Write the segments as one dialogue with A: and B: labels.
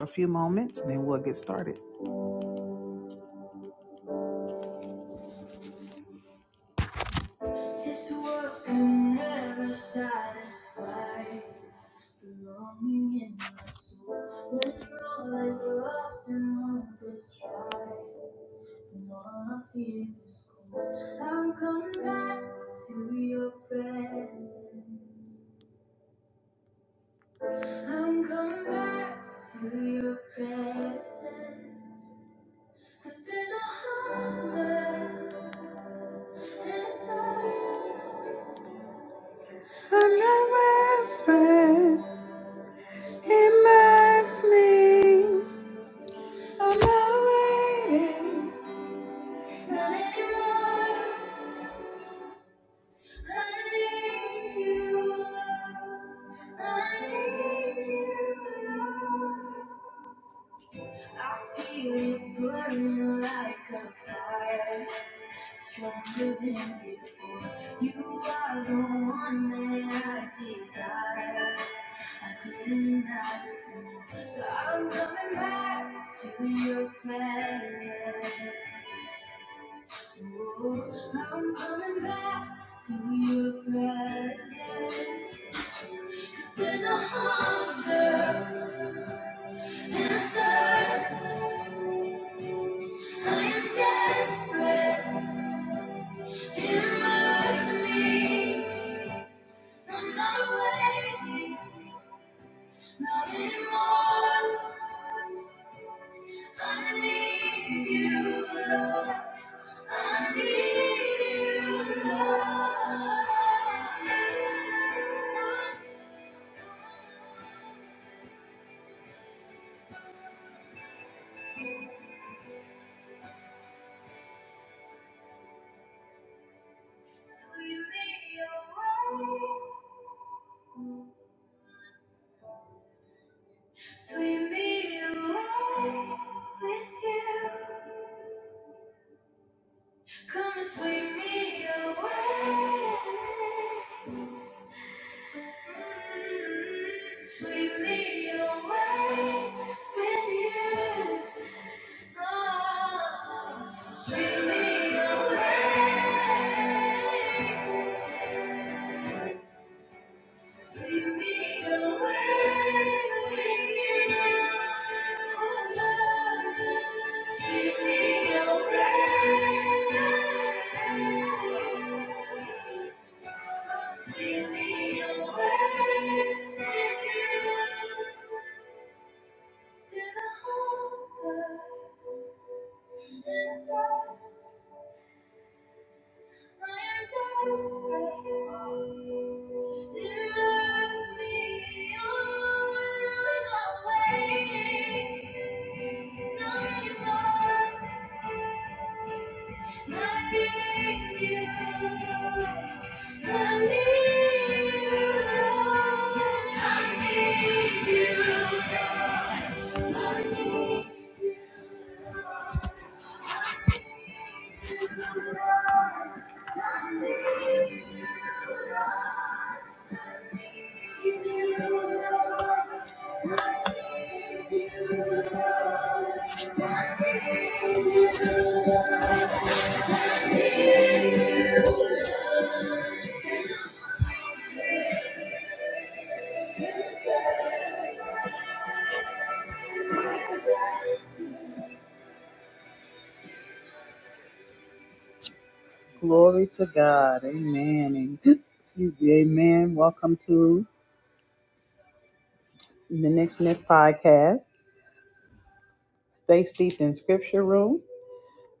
A: a few moments and then we'll get started. This world can never satisfy the longing in my soul. When all is lost and hope is dry, and all I feel is cold, I'm coming back to your presence. I'm coming back to your presence. 'Cause there's a hunger And I whispered, immerse me. I'm not waiting, not anymore. I need you. I need you. I feel it burning like a fire, stronger than before. You are the one that I desire. I didn't ask for more, so I'm coming back to your presence. Oh, I'm coming back to your presence. 'Cause there's a hunger and a thirst. I'm desperate. Immerse me. I'm not waiting. Not anymore. I need you, Lord. I need you, Lord. Sweep me away. Sweep me away with you. Come sweep me away. Sweep me away with you. Oh, sweep me away. Sweep me away with you. Oh, Lord, sweep me away. Sweep me away with you. There's a hunger and a thirst. I am desperate. Your mercy, oh, I'm waiting. Not in love, not give you. I need you, Lord. I need you, Lord. Glory to God. Amen. And excuse me. Amen. Welcome to the Next Next Podcast. Stay steeped in Scripture Room,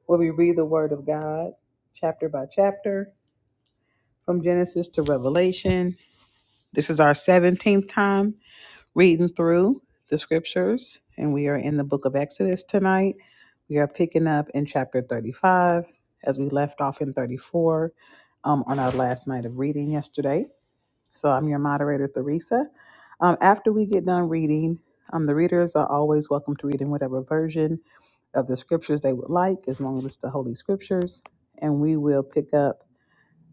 A: where we read the Word of God chapter by chapter from Genesis to Revelation. This is our 17th time reading through the Scriptures, and we are in the book of Exodus tonight. We are picking up in chapter 35 as we left off in 34 um, on our last night of reading yesterday. So I'm your moderator, Theresa. Um, after we get done reading, um, the readers are always welcome to read in whatever version of the scriptures they would like, as long as it's the Holy Scriptures. And we will pick up,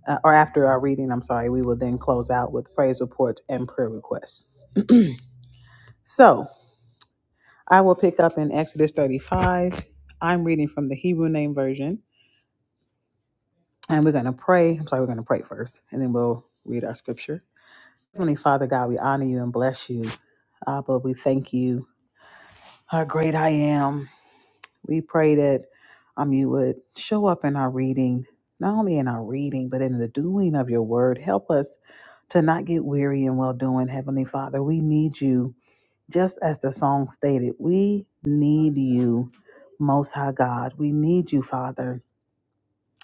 A: uh, or after our reading, I'm sorry, we will then close out with praise reports and prayer requests. so I will pick up in Exodus 35. I'm reading from the Hebrew Name Version, and we're going to pray. I'm sorry, we're going to pray first, and then we'll read our scripture. Heavenly Father God, we honor you and bless you. Abba, we thank you. How great I am. We pray that um you would show up in our reading, not only in our reading, but in the doing of your word. Help us to not get weary in well doing, Heavenly Father. We need you. Just as the song stated, we need you, Most High God. We need you, Father.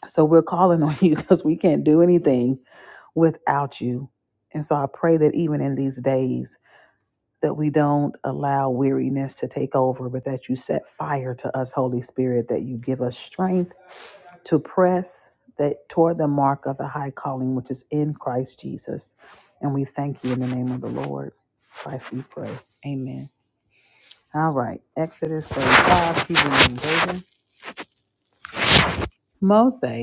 A: So we're calling on you because we can't do anything without you. And so I pray that even in these days, that we don't allow weariness to take over, but that you set fire to us, Holy Spirit, that you give us strength to press that toward the mark of the high calling which is in Christ Jesus. And we thank you in the name of the Lord. Christ we pray. Amen. All right. Exodus 35, Hebrew and David. Moses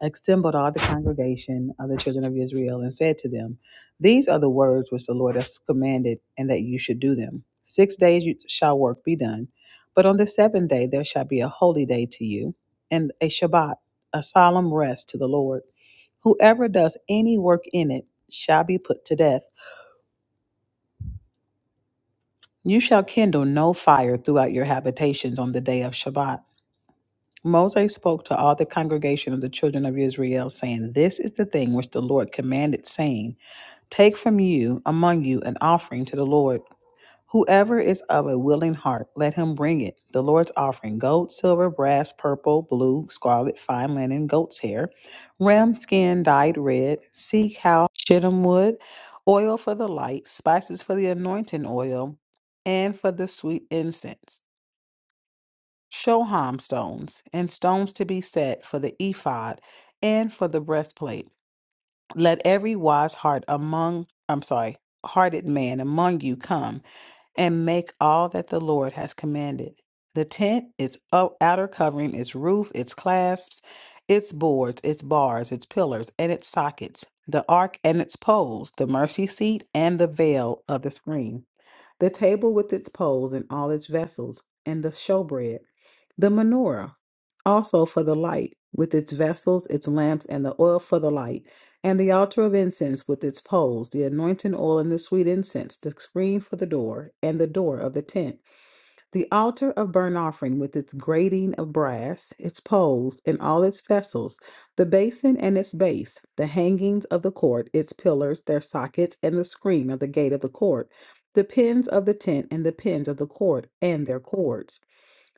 A: assembled all the congregation of the children of Israel and said to them, These are the words which the Lord has commanded, and that you should do them. Six days you shall work be done, but on the seventh day there shall be a holy day to you, and a Shabbat, a solemn rest to the Lord. Whoever does any work in it shall be put to death. You shall kindle no fire throughout your habitations on the day of Shabbat. Moses spoke to all the congregation of the children of Israel, saying, This is the thing which the Lord commanded, saying, Take from you among you an offering to the Lord. Whoever is of a willing heart, let him bring it. The Lord's offering gold, silver, brass, purple, blue, scarlet, fine linen, goat's hair, ram skin dyed red, sea cow, shittim wood, oil for the light, spices for the anointing oil, and for the sweet incense, shoham stones, and stones to be set for the ephod and for the breastplate let every wise heart among, I'm sorry, hearted man among you come and make all that the Lord has commanded. The tent, its o- outer covering, its roof, its clasps, its boards, its bars, its pillars, and its sockets, the ark and its poles, the mercy seat, and the veil of the screen the table with its poles and all its vessels, and the showbread, the menorah, also for the light, with its vessels, its lamps, and the oil for the light, and the altar of incense with its poles, the anointing oil and the sweet incense, the screen for the door, and the door of the tent the altar of burnt offering, with its grating of brass, its poles, and all its vessels, the basin and its base, the hangings of the court, its pillars, their sockets, and the screen of the gate of the court, the pins of the tent, and the pins of the court, and their cords,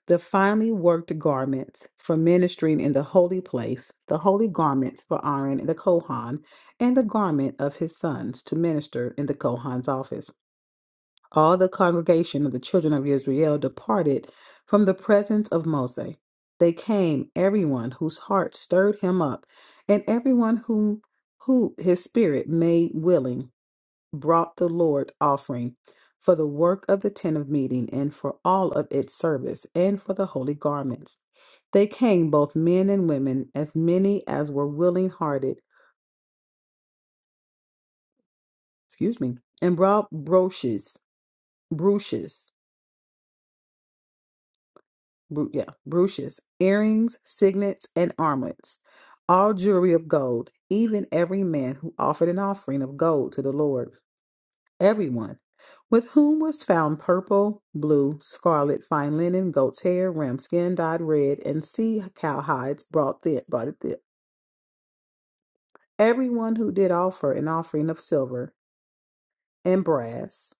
A: the finely worked garments for ministering in the holy place, the holy garments for Aaron the Kohan, and the garment of his sons to minister in the Kohan's office all the congregation of the children of Israel departed from the presence of Moses. They came, everyone whose heart stirred him up, and everyone whom who his spirit made willing, brought the Lord's offering for the work of the tent of meeting and for all of its service and for the holy garments. They came, both men and women, as many as were willing hearted, excuse me, and brought broches, brooches bru- yeah, brooches, earrings, signets, and armlets, all jewelry of gold, even every man who offered an offering of gold to the Lord, everyone, with whom was found purple, blue, scarlet, fine linen, goat's hair, ram skin dyed red, and sea cow hides brought thi- brought it thither. Everyone who did offer an offering of silver and brass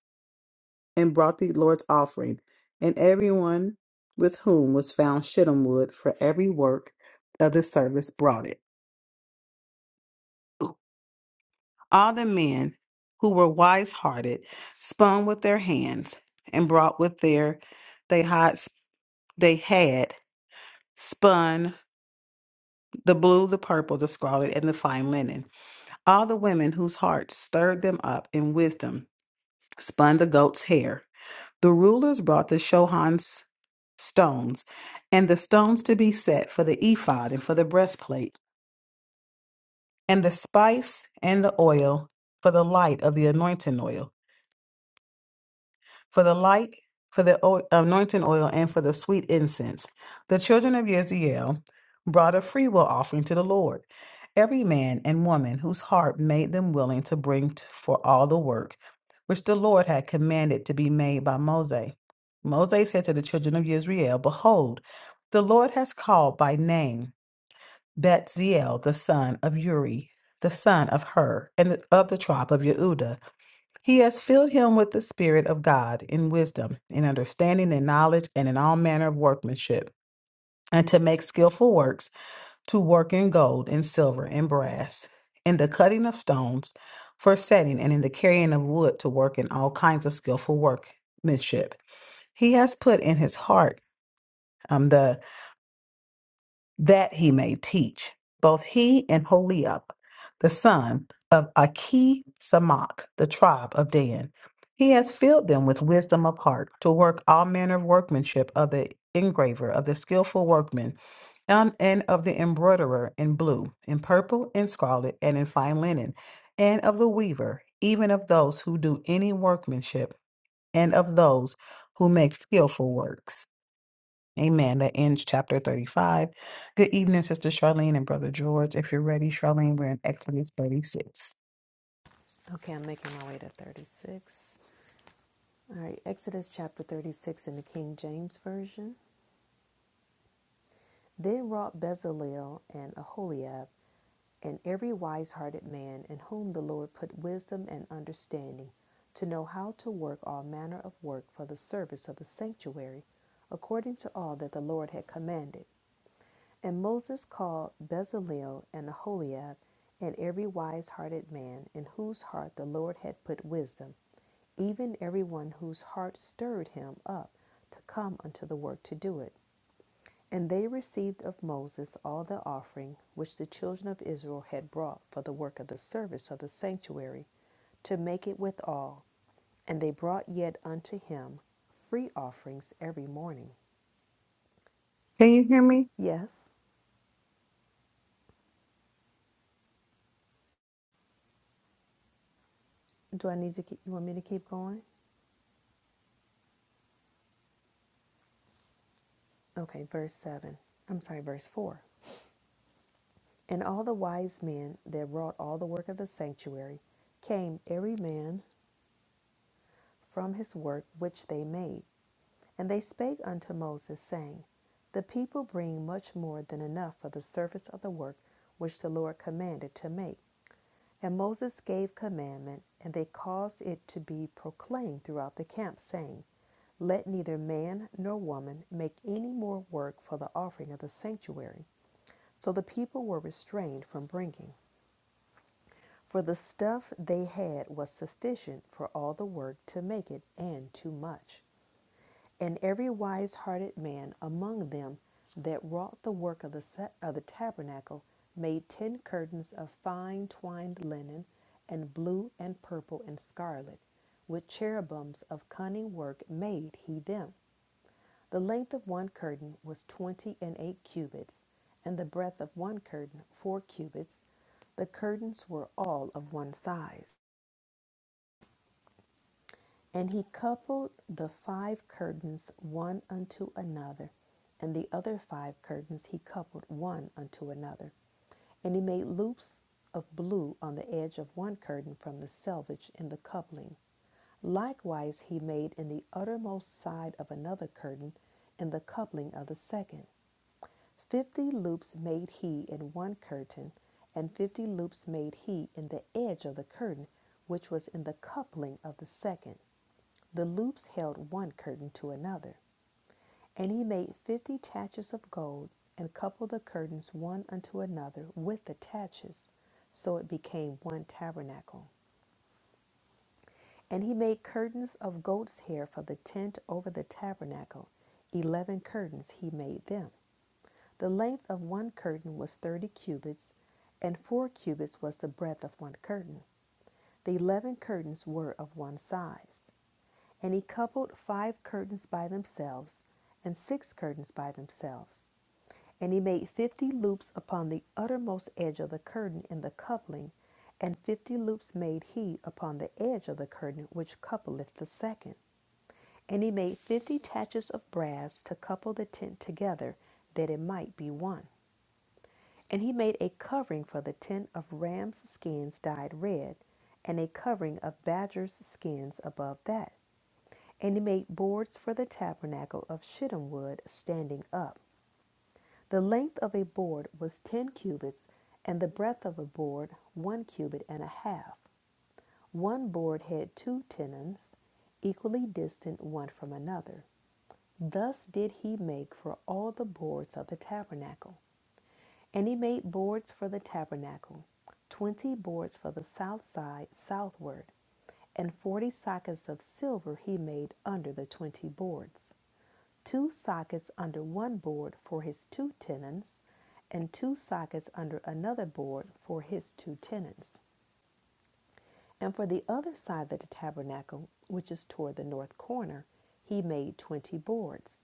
A: and brought the Lord's offering. And everyone with whom was found shittim wood for every work of the service brought it. All the men who were wise hearted spun with their hands and brought with their they had they had spun the blue, the purple, the scarlet, and the fine linen. All the women whose hearts stirred them up in wisdom spun the goat's hair The rulers brought the Shohan's stones, and the stones to be set for the ephod and for the breastplate, and the spice and the oil for the light of the anointing oil for the light, for the o- anointing oil, and for the sweet incense. The children of Israel brought a freewill offering to the Lord. Every man and woman whose heart made them willing to bring t- for all the work which the Lord had commanded to be made by Moses. Moses said to the children of Israel, Behold, the Lord has called by name Betziel the son of Uri, the son of Hur, and of the tribe of Yehuda he has filled him with the Spirit of God in wisdom, in understanding and knowledge, and in all manner of workmanship, and to make skillful works, to work in gold and silver and brass, in the cutting of stones for setting, and in the carrying of wood to work in all kinds of skillful workmanship. He has put in his heart um, the that he may teach both he and Holiab, the son of Aki Samach, the tribe of Dan. He has filled them with wisdom of heart to work all manner of workmanship of the engraver, of the skillful workman, and, and of the embroiderer in blue, in purple, in scarlet, and in fine linen, and of the weaver, even of those who do any workmanship, and of those who make skillful works. Amen. That ends chapter 35. Good evening, Sister Charlene and Brother George. If you're ready, Charlene, we're in Exodus 36.
B: Okay, I'm making my way to 36. All right, Exodus chapter 36 in the King James Version. Then wrought Bezalel and Aholiab, and every wise hearted man in whom the Lord put wisdom and understanding, to know how to work all manner of work for the service of the sanctuary, according to all that the Lord had commanded. And Moses called Bezalel and Aholiab and every wise hearted man in whose heart the Lord had put wisdom, even every one whose heart stirred him up to come unto the work to do it. And they received of Moses all the offering which the children of Israel had brought for the work of the service of the sanctuary, to make it withal. And they brought yet unto him free offerings every morning.
A: Can you hear me?
B: Yes. Do I need to keep, you want me to keep going? Okay, verse 7. I'm sorry, verse 4. And all the wise men that wrought all the work of the sanctuary came every man from his work which they made. And they spake unto Moses, saying, The people bring much more than enough for the service of the work which the Lord commanded to make. And Moses gave commandment, and they caused it to be proclaimed throughout the camp, saying, Let neither man nor woman make any more work for the offering of the sanctuary. So the people were restrained from bringing, for the stuff they had was sufficient for all the work to make it, and too much. And every wise hearted man among them that wrought the work of the, sa- of the tabernacle made ten curtains of fine twined linen, and blue, and purple, and scarlet. With cherubims of cunning work made he them. The length of one curtain was twenty and eight cubits, and the breadth of one curtain four cubits. The curtains were all of one size. And he coupled the five curtains one unto another, and the other five curtains he coupled one unto another. And he made loops of blue on the edge of one curtain from the selvage in the coupling. Likewise, he made in the uttermost side of another curtain in the coupling of the second. Fifty loops made he in one curtain, and fifty loops made he in the edge of the curtain which was in the coupling of the second. The loops held one curtain to another. And he made fifty taches of gold, and coupled the curtains one unto another with the taches. So it became one tabernacle. And he made curtains of goat's hair for the tent over the tabernacle. Eleven curtains he made them. The length of one curtain was thirty cubits, and four cubits was the breadth of one curtain. The eleven curtains were of one size. And he coupled five curtains by themselves, and six curtains by themselves. And he made fifty loops upon the uttermost edge of the curtain in the coupling, and fifty loops made he upon the edge of the curtain which coupleth the second. And he made fifty taches of brass to couple the tent together, that it might be one. And he made a covering for the tent of rams' skins dyed red, and a covering of badgers' skins above that. And he made boards for the tabernacle of shittim wood standing up. The length of a board was ten cubits, and the breadth of a board one cubit and a half. One board had two tenons, equally distant one from another. Thus did he make for all the boards of the tabernacle. And he made boards for the tabernacle, twenty boards for the south side southward, and forty sockets of silver he made under the twenty boards, two sockets under one board for his two tenons, and two sockets under another board for his two tenons. And for the other side of the tabernacle, which is toward the north corner, he made twenty boards,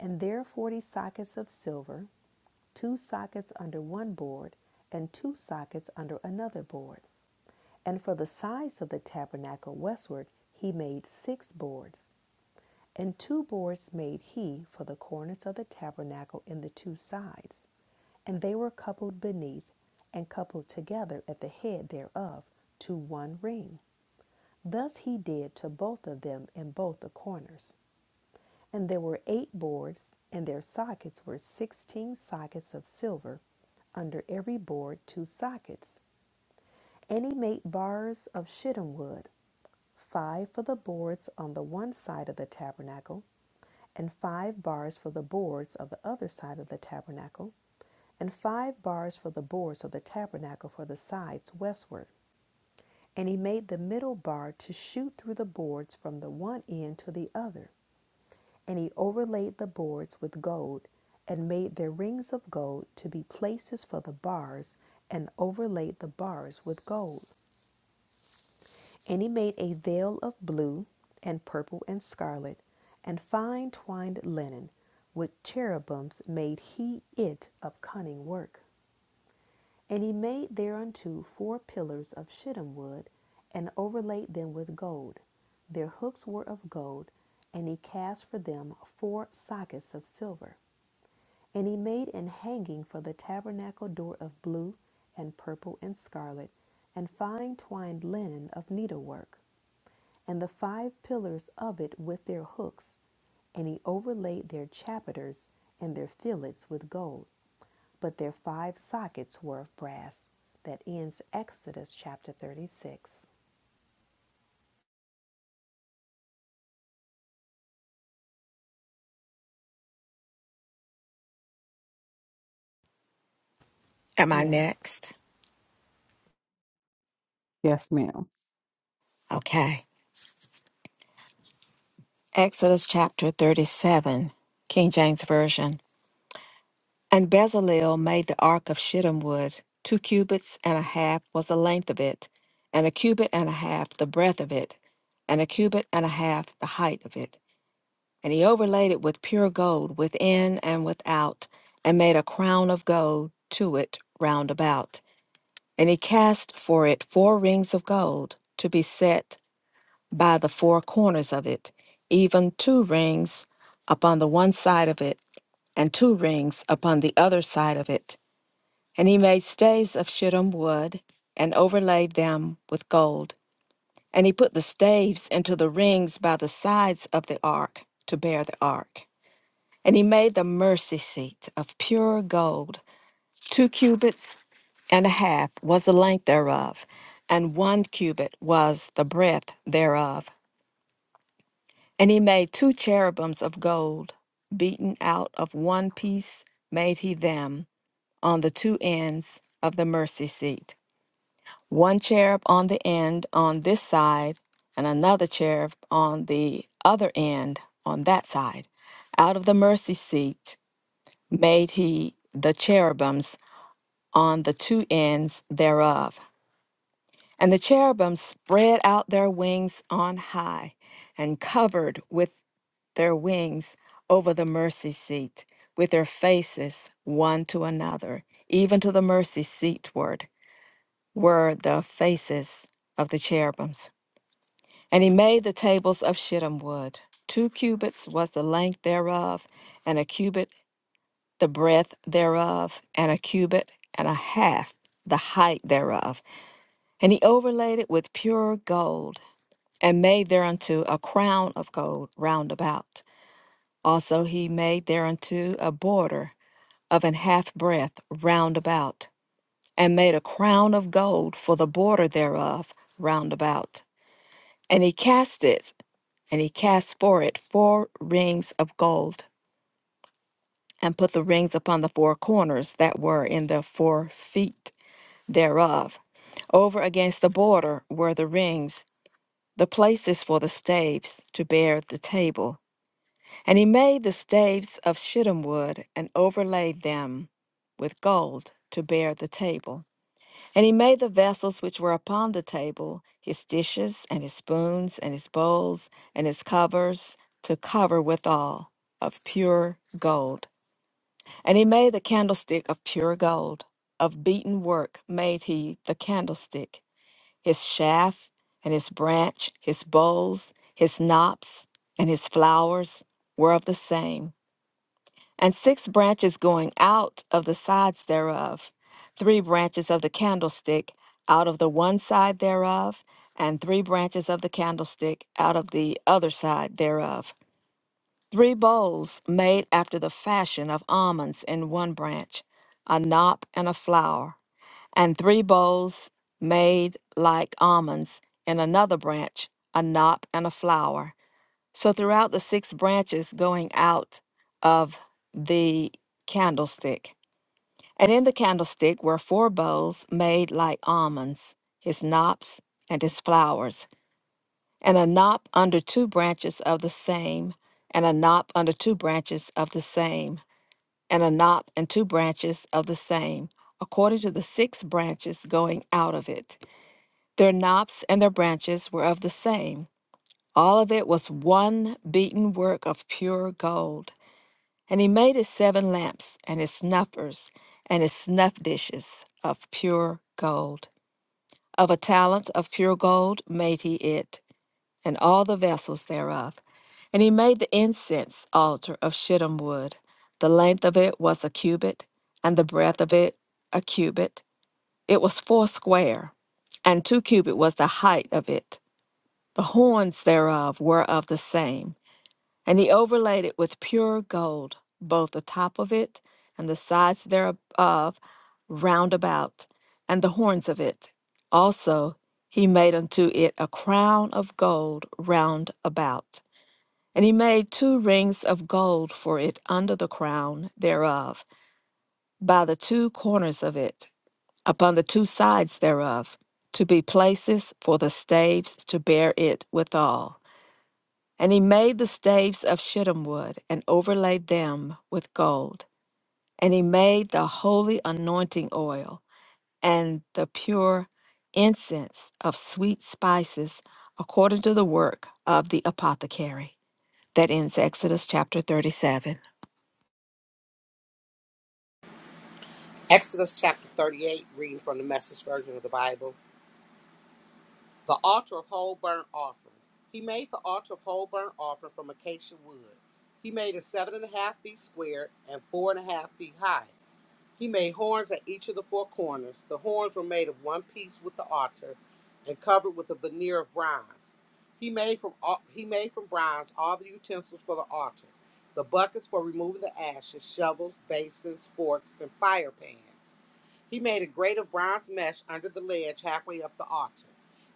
B: and there forty sockets of silver two sockets under one board and two sockets under another board. And for the sides of the tabernacle westward, he made six boards. And two boards made he for the corners of the tabernacle in the two sides. And they were coupled beneath and coupled together at the head thereof to one ring. Thus he did to both of them in both the corners. And there were eight boards, and their sockets were sixteen sockets of silver under every board two sockets. And he made bars of shittim wood, five for the boards on the one side of the tabernacle, and five bars for the boards of the other side of the tabernacle, and five bars for the boards of the tabernacle for the sides westward. And he made the middle bar to shoot through the boards from the one end to the other. And he overlaid the boards with gold, and made their rings of gold to be places for the bars, and overlaid the bars with gold. And he made a veil of blue and purple and scarlet and fine twined linen. With cherubims made he it of cunning work. And he made thereunto four pillars of shittim wood and overlaid them with gold. Their hooks were of gold, and he cast for them four sockets of silver. And he made an hanging for the tabernacle door of blue and purple and scarlet and fine twined linen of needlework and the five pillars of it with their hooks, and he overlaid their chapiters and their fillets with gold, but their five sockets were of brass. That ends Exodus chapter 36.
C: Am I
B: Yes,
C: next?
A: Yes, ma'am.
C: Okay. Exodus chapter 37, King James Version. And Bezalel made the ark of shittim wood. Two cubits and a half was the length of it, and a cubit and a half the breadth of it, and a cubit and a half the height of it. And he overlaid it with pure gold within and without, and made a crown of gold to it round about. And he cast for it four rings of gold to be set by the four corners of it, even two rings upon the one side of it, and two rings upon the other side of it. And he made staves of shittim wood, and overlaid them with gold. And he put the staves into the rings by the sides of the ark to bear the ark. And he made the mercy seat of pure gold. Two cubits and a half was the length thereof, and one cubit was the breadth thereof. And he made two cherubims of gold, beaten out of one piece, made he them on the two ends of the mercy seat. One cherub on the end on this side, and another cherub on the other end on that side. Out of the mercy seat made he the cherubims on the two ends thereof. And the cherubim spread out their wings on high and covered with their wings over the mercy seat, with their faces one to another, even to the mercy seatward were the faces of the cherubims. And he made the tables of shittim wood. Two cubits was the length thereof, and a cubit the breadth thereof, and a cubit and a half the height thereof. And he overlaid it with pure gold and made thereunto a crown of gold round about. Also he made thereunto a border of an half breadth round about, and made a crown of gold for the border thereof round about. And he cast it, and he cast for it four rings of gold, and put the rings upon the four corners that were in the four feet thereof. Over against the border were the rings, the places for the staves to bear the table And he made the staves of shittim wood and overlaid them with gold to bear the table. And he made the vessels which were upon the table, his dishes and his spoons and his bowls and his covers to cover withal of pure gold. And he made the candlestick of pure gold. Of beaten work made he the candlestick, his shaft and his branch, his bowls, his knops, and his flowers were of the same. And six branches going out of the sides thereof, three branches of the candlestick out of the one side thereof, and three branches of the candlestick out of the other side thereof. Three bowls made after the fashion of almonds in one branch, a knop and a flower, and three bowls made like almonds in another branch, a knop and a flower. So throughout the six branches going out of the candlestick. And in the candlestick were four bowls made like almonds, his knops and his flowers and a knot under two branches of the same, and a knot under two branches of the same, and a knot and two branches of the same, according to the six branches going out of it. Their knops and their branches were of the same. All of it was one beaten work of pure gold. And he made his seven lamps, and his snuffers, and his snuff dishes of pure gold. Of a talent of pure gold made he it and all the vessels thereof. And he made the incense altar of shittim wood. The length of it was a cubit, and the breadth of it a cubit. It was foursquare, and two cubit was the height of it. The horns thereof were of the same. And he overlaid it with pure gold, both the top of it and the sides thereof round about, and the horns of it. Also he made unto it a crown of gold round about. And he made two rings of gold for it under the crown thereof, by the two corners of it, upon the two sides thereof, to be places for the staves to bear it withal. And he made the staves of shittim wood and overlaid them with gold. And he made the holy anointing oil and the pure incense of sweet spices according to the work of the apothecary. That ends Exodus chapter 37.
D: Exodus chapter 38, reading from the Message Version of the Bible. The altar of whole burnt offering. He made the altar of whole burnt offering from acacia wood. He made it seven and a half feet square and four and a half feet high. He made horns at each of the four corners. The horns were made of one piece with the altar and covered with a veneer of bronze. He made from he made from bronze all the utensils for the altar, the buckets for removing the ashes, shovels, basins, forks, and fire pans. He made a grate of bronze mesh under the ledge halfway up the altar.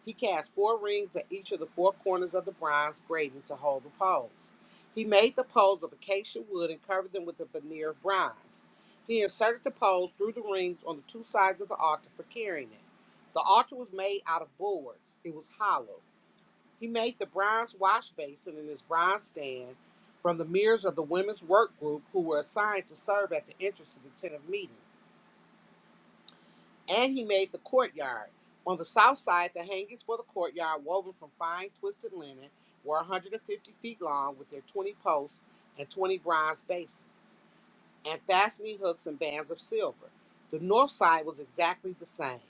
D: He cast four rings at each of the four corners of the bronze grating to hold the poles. He made the poles of acacia wood and covered them with a veneer of bronze. He inserted the poles through the rings on the two sides of the altar for carrying it. The altar was made out of boards, it was hollow. He made the bronze wash basin and his bronze stand from the mirrors of the women's work group who were assigned to serve at the entrance to the tent of meeting. And he made the courtyard. On the south side, the hangings for the courtyard, woven from fine twisted linen, were 150 feet long with their 20 posts and 20 bronze bases, and fastening hooks and bands of silver. The north side was exactly the same.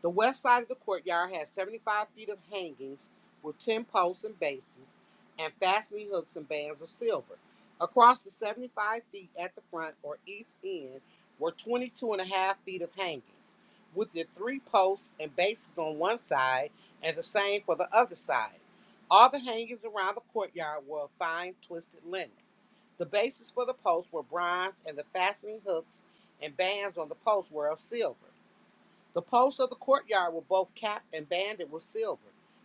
D: The west side of the courtyard has 75 feet of hangings with 10 posts and bases and fastening hooks and bands of silver. Across the 75 feet at the front or east end were 22 and a half feet of hangings with the three posts and bases on one side and the same for the other side. All the hangings around the courtyard were of fine twisted linen. The bases for the posts were bronze and the fastening hooks and bands on the posts were of silver. The posts of the courtyard were both capped and banded with silver.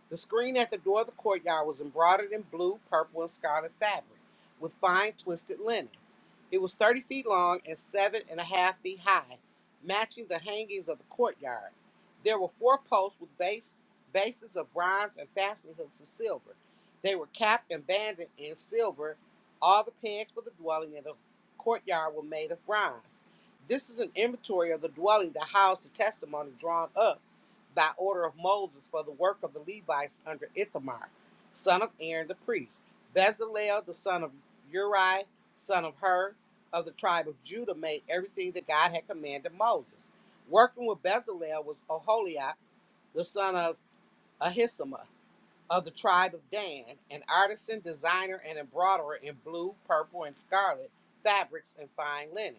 D: The screen at the door of the courtyard was embroidered in blue, purple, and scarlet fabric, with fine twisted linen. It was 30 feet long and seven and a half feet high, matching the hangings of the courtyard. There were four posts with base, bases of bronze and fastening hooks of silver. They were capped and banded in silver. All the pegs for the dwelling and the courtyard were made of bronze. This is an inventory of the dwelling that housed the testimony drawn up by order of Moses for the work of the Levites under Ithamar, son of Aaron the priest. Bezalel, the son of Uri, son of Hur, of the tribe of Judah, made everything that God had commanded Moses. Working with Bezalel was Oholiab, the son of Ahisamah, of the tribe of Dan, an artisan, designer, and embroiderer in blue, purple, and scarlet fabrics and fine linen.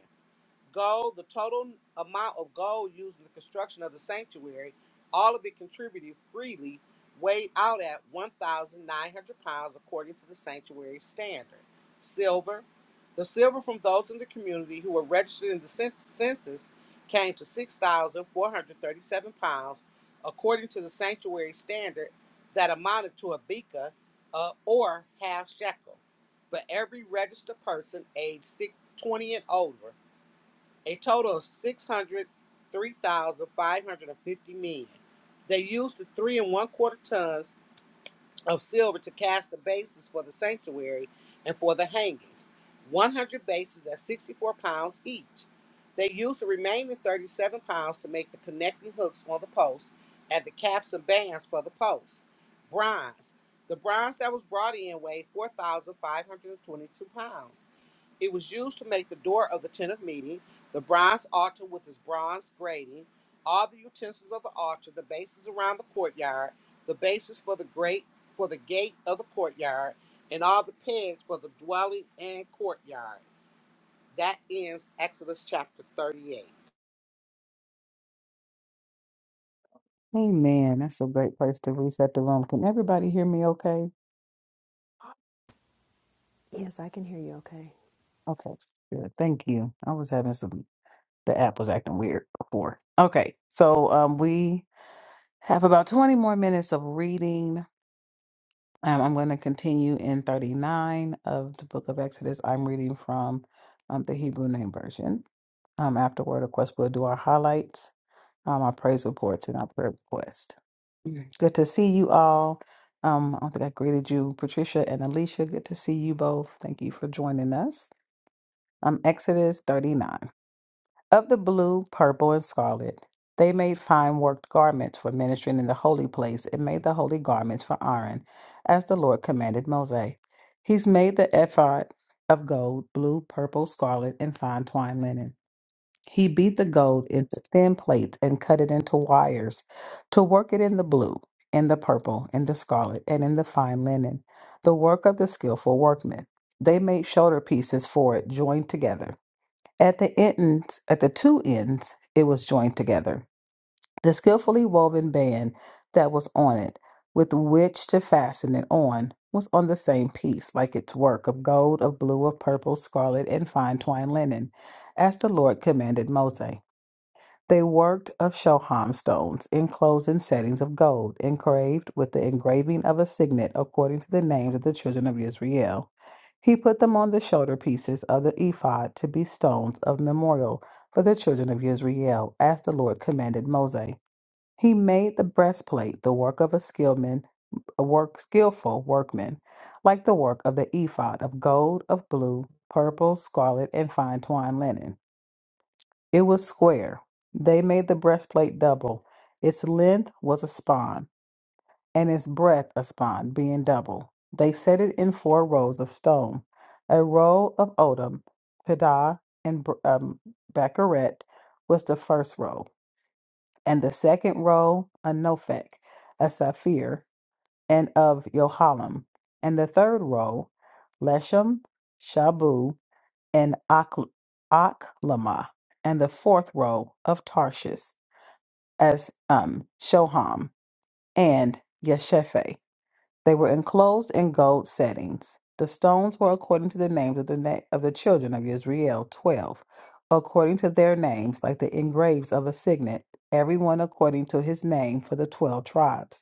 D: Gold, the total amount of gold used in the construction of the sanctuary, all of it contributed freely, weighed out at 1,900 pounds according to the sanctuary standard. Silver, the silver from those in the community who were registered in the cen- census came to 6,437 pounds according to the sanctuary standard that amounted to a bika uh, or half shekel for every registered person aged six- 20 and over a total of 603,550 men. They used the three and one quarter tons of silver to cast the bases for the sanctuary and for the hangings, 100 bases at 64 pounds each. They used the remaining 37 pounds to make the connecting hooks on the posts and the caps and bands for the posts. Bronze. The bronze that was brought in weighed 4,522 pounds. It was used to make the door of the tent of meeting, the bronze altar with its bronze grating, all the utensils of the altar, the bases around the courtyard, the bases for the great for the gate of the courtyard, and all the pegs for the dwelling and courtyard. That ends Exodus chapter 38.
A: Amen. That's a great place to reset the room. Can everybody hear me okay?
B: yes, I can hear you okay.
A: Okay, good. Thank you. I was having some, the app was acting weird before. Okay, so um, we have about 20 more minutes of reading. Um, I'm going to continue in 39 of the book of Exodus. I'm reading from um, the Hebrew Name Version. Um, afterward, of course, we'll do our highlights, um, our praise reports, and our prayer request. Okay. Good to see you all. Um, I don't think I greeted you, Patricia and Alicia. Good to see you both. Thank you for joining us. Um, Exodus 39. Of the blue, purple, and scarlet, they made fine worked garments for ministering in the holy place and made the holy garments for Aaron, as the Lord commanded Moses. He's made the ephod of gold, blue, purple, scarlet, and fine twined linen. He beat the gold into thin plates and cut it into wires to work it in the blue, in the purple, in the scarlet, and in the fine linen, the work of the skillful workmen. They made shoulder pieces for it joined together. At the ends, at the two ends, it was joined together. The skillfully woven band that was on it, with which to fasten it on, was on the same piece, like its work of gold, of blue, of purple, scarlet, and fine twined linen, as the Lord commanded Moses. They worked of shoham stones enclosed in settings of gold, engraved with the engraving of a signet according to the names of the children of Israel. He put them on the shoulder pieces of the ephod to be stones of memorial for the children of Israel, as the Lord commanded Moses. He made the breastplate the work of a skillman, a work skillful workman, like the work of the ephod of gold, of blue, purple, scarlet, and fine twined linen. It was square. They made the breastplate double. Its length was a span, and its breadth a span, being double. They set it in four rows of stone. A row of odum, Pidah, and br- um, Baccarat was the first row, and the second row a Nophek, a Sapphire, and of Yohalim, and the third row Leshem, Shabu and Akl- Aklamah, and the fourth row of Tarshish as um, Shoham and Yeshepha. They were enclosed in gold settings. The stones were according to the names of the na- of the children of Israel, twelve, according to their names, like the engraves of a signet, every one according to his name for the twelve tribes.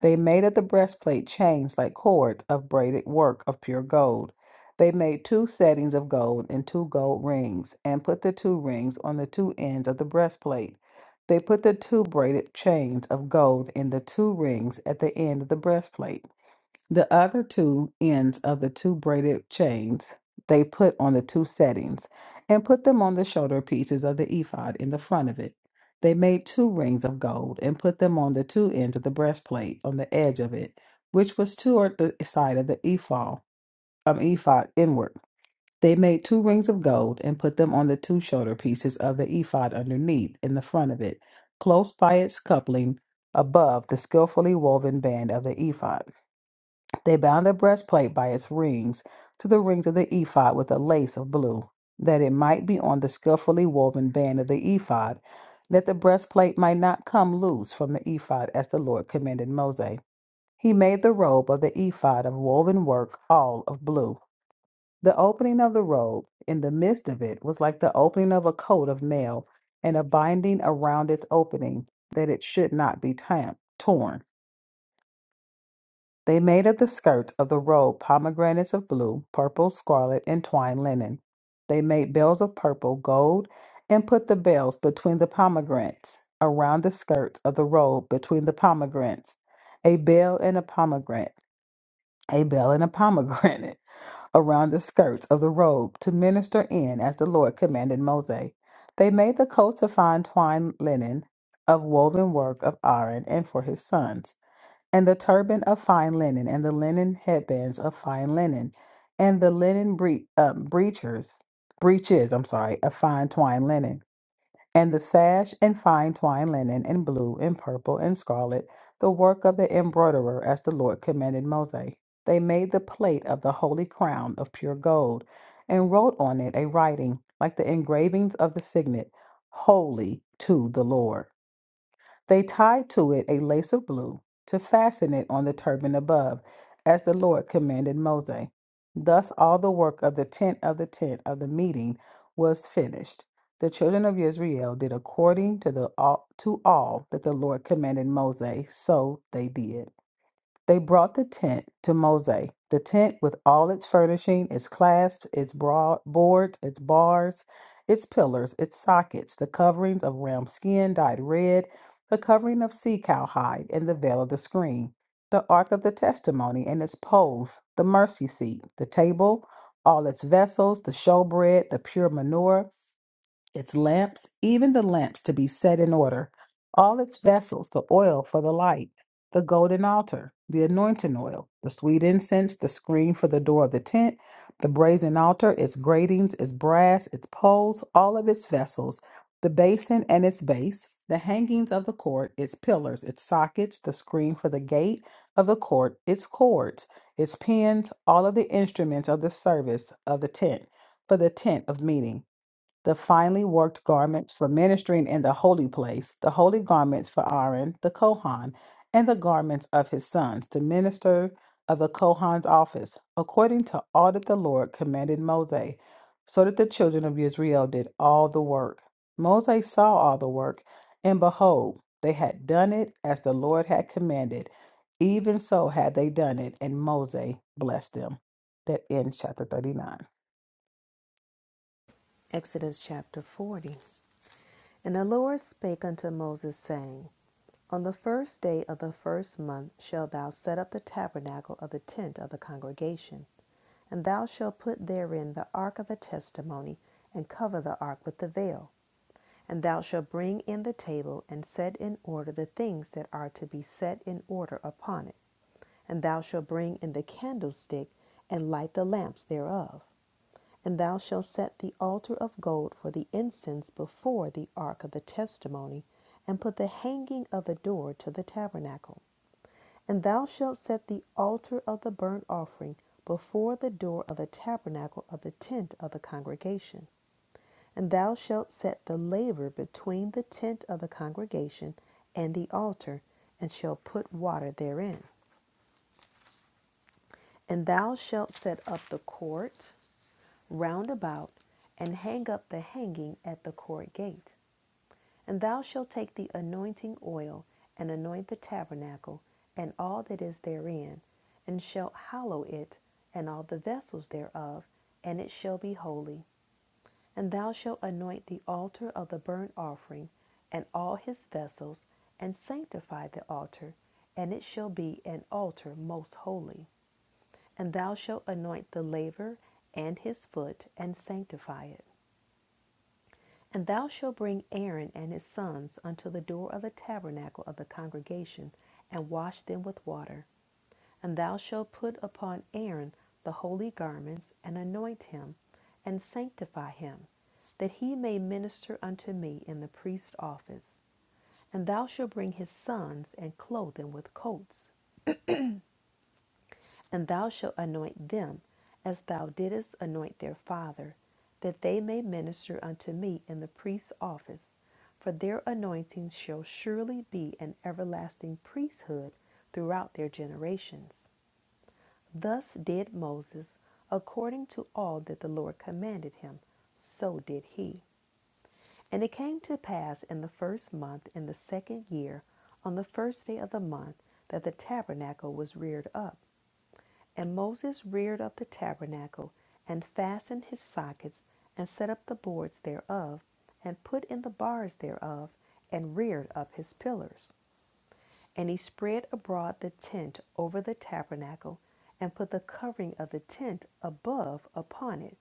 A: They made at the breastplate chains like cords of braided work of pure gold. They made two settings of gold and two gold rings, and put the two rings on the two ends of the breastplate. They put the two braided chains of gold in the two rings at the end of the breastplate. The other two ends of the two braided chains they put on the two settings and put them on the shoulder pieces of the ephod in the front of it. They made two rings of gold and put them on the two ends of the breastplate on the edge of it, which was toward the side of the ephod, um, ephod inward. They made two rings of gold and put them on the two shoulder pieces of the ephod underneath in the front of it, close by its coupling above the skillfully woven band of the ephod. They bound the breastplate by its rings to the rings of the ephod with a lace of blue, that it might be on the skillfully woven band of the ephod, that the breastplate might not come loose from the ephod, as the Lord commanded Moses. He made the robe of the ephod of woven work all of blue. The opening of the robe in the midst of it was like the opening of a coat of mail, and a binding around its opening, that it should not be tam- torn. They made of the skirts of the robe pomegranates of blue, purple, scarlet, and twined linen. They made bells of purple, gold, and put the bells between the pomegranates, around the skirts of the robe between the pomegranates. A bell and a pomegranate, a bell and a pomegranate, around the skirts of the robe to minister in as the Lord commanded Moses. They made the coats of fine twined linen of woven work of Aaron and for his sons and the turban of fine linen, and the linen headbands of fine linen, and the linen bre- um, breechers, breeches, I'm sorry, of fine twined linen, and the sash and fine twined linen, and blue and purple and scarlet, the work of the embroiderer, as the Lord commanded Moses. They made the plate of the holy crown of pure gold, and wrote on it a writing like the engravings of the signet, Holy to the Lord. They tied to it a lace of blue to fasten it on the turban above, as the Lord commanded Moses. Thus all the work of the tent of the tent of the meeting was finished. The children of Israel did according to the all, to all that the Lord commanded Moses, so they did. They brought the tent to Mose. The tent with all its furnishing, its clasps, its broad boards, its bars, its pillars, its sockets, the coverings of ram skin dyed red, the covering of sea cow hide, and the veil of the screen, the ark of the testimony and its poles, the mercy seat, the table, all its vessels, the showbread, the pure manure, its lamps, even the lamps to be set in order, all its vessels, the oil for the light, the golden altar, the anointing oil, the sweet incense, the screen for the door of the tent, the brazen altar, its gratings, its brass, its poles, all of its vessels, the basin and its base, the hangings of the court, its pillars, its sockets, the screen for the gate of the court, its cords, its pins, all of the instruments of the service of the tent, for the tent of meeting the finely worked garments for ministering in the holy place, the holy garments for Aaron the Kohan, and the garments of his sons, the minister of the Kohan's office, according to all that the Lord commanded Moses. So that the children of Israel did all the work. Moses saw all the work, and behold, they had done it as the Lord had commanded. Even so had they done it, and Moses blessed them that ends chapter 39.
B: Exodus chapter 40. And the Lord spake unto Moses, saying, On the first day of the first month shalt thou set up the tabernacle of the tent of the congregation, and thou shalt put therein the ark of the testimony, and cover the ark with the veil. And thou shalt bring in the table and set in order the things that are to be set in order upon it. And thou shalt bring in the candlestick and light the lamps thereof. And thou shalt set the altar of gold for the incense before the ark of the testimony, and put the hanging of the door to the tabernacle. And thou shalt set the altar of the burnt offering before the door of the tabernacle of the tent of the congregation. And thou shalt set the laver between the tent of the congregation and the altar, and shalt put water therein. And thou shalt set up the court round about, and hang up the hanging at the court gate. And thou shalt take the anointing oil, and anoint the tabernacle, and all that is therein, and shalt hallow it, and all the vessels thereof, and it shall be holy. And thou shalt anoint the altar of the burnt offering and all his vessels, and sanctify the altar, and it shall be an altar most holy. And thou shalt anoint the laver and his foot, and sanctify it. And thou shalt bring Aaron and his sons unto the door of the tabernacle of the congregation, and wash them with water. And thou shalt put upon Aaron the holy garments, and anoint him, and sanctify him, that he may minister unto me in the priest's office. And thou shalt bring his sons, and clothe them with coats. And thou shalt anoint them, as thou didst anoint their father, that they may minister unto me in the priest's office. For their anointings shall surely be an everlasting priesthood throughout their generations. Thus did Moses according to all that the Lord commanded him, so did he. And it came to pass in the first month, in the second year, on the first day of the month, that the tabernacle was reared up. And Moses reared up the tabernacle, and fastened his sockets, and set up the boards thereof, and put in the bars thereof, and reared up his pillars. And he spread abroad the tent over the tabernacle, and put the covering of the tent above upon it,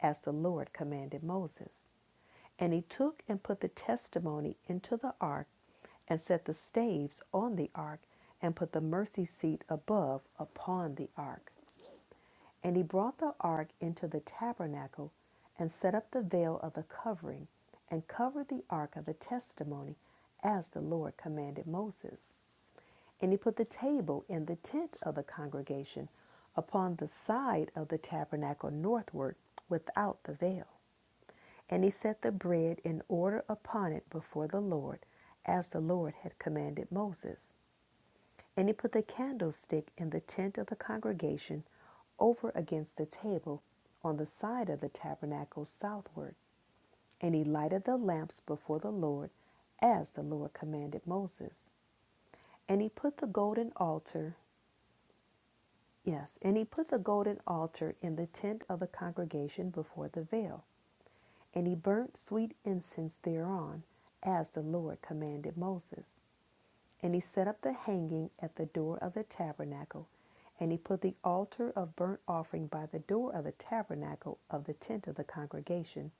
B: as the Lord commanded Moses. And he took and put the testimony into the ark, and set the staves on the ark, and put the mercy seat above upon the ark. And he brought the ark into the tabernacle, and set up the veil of the covering, and covered the ark of the testimony, as the Lord commanded Moses. And he put the table in the tent of the congregation upon the side of the tabernacle northward without the veil. And he set the bread in order upon it before the Lord, as the Lord had commanded Moses. And he put the candlestick in the tent of the congregation over against the table on the side of the tabernacle southward. And he lighted the lamps before the Lord, as the Lord commanded Moses. And he put the golden altar Yes, and he put the golden altar in the tent of the congregation before the veil, and he burnt sweet incense thereon, as the Lord commanded Moses. And he set up the hanging at the door of the tabernacle, and he put the altar of burnt offering by the door of the tabernacle of the tent of the congregation,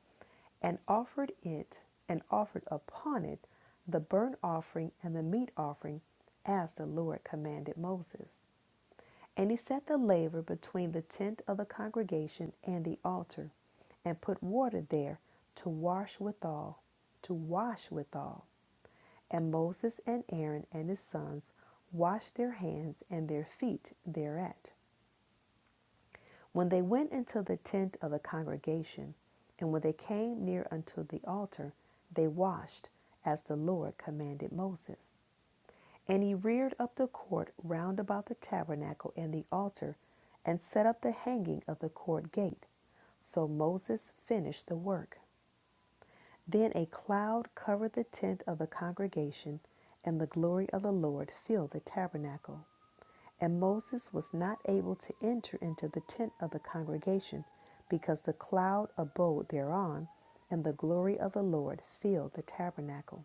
B: and offered it, and offered upon it the burnt offering and the meat offering, as the Lord commanded Moses. And he set the laver between the tent of the congregation and the altar, and put water there to wash withal, to wash withal. And Moses and Aaron and his sons washed their hands and their feet thereat. When they went into the tent of the congregation, and when they came near unto the altar, they washed, as the Lord commanded Moses. And he reared up the court round about the tabernacle and the altar, and set up the hanging of the court gate. So Moses finished the work. Then a cloud covered the tent of the congregation, and the glory of the Lord filled the tabernacle. And Moses was not able to enter into the tent of the congregation, because the cloud abode thereon, and the glory of the Lord filled the tabernacle.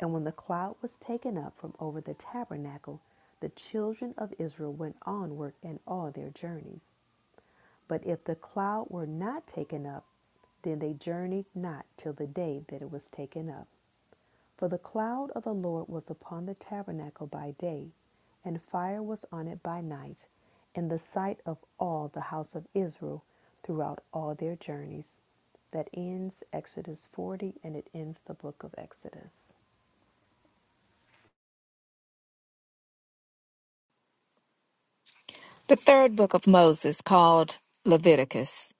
B: And when the cloud was taken up from over the tabernacle, the children of Israel went onward in all their journeys. But if the cloud were not taken up, then they journeyed not till the day that it was taken up. For the cloud of the Lord was upon the tabernacle by day, and fire was on it by night, in the sight of all the house of Israel throughout all their journeys. That ends Exodus 40 and it ends the book of Exodus.
C: The third book of Moses, called Leviticus,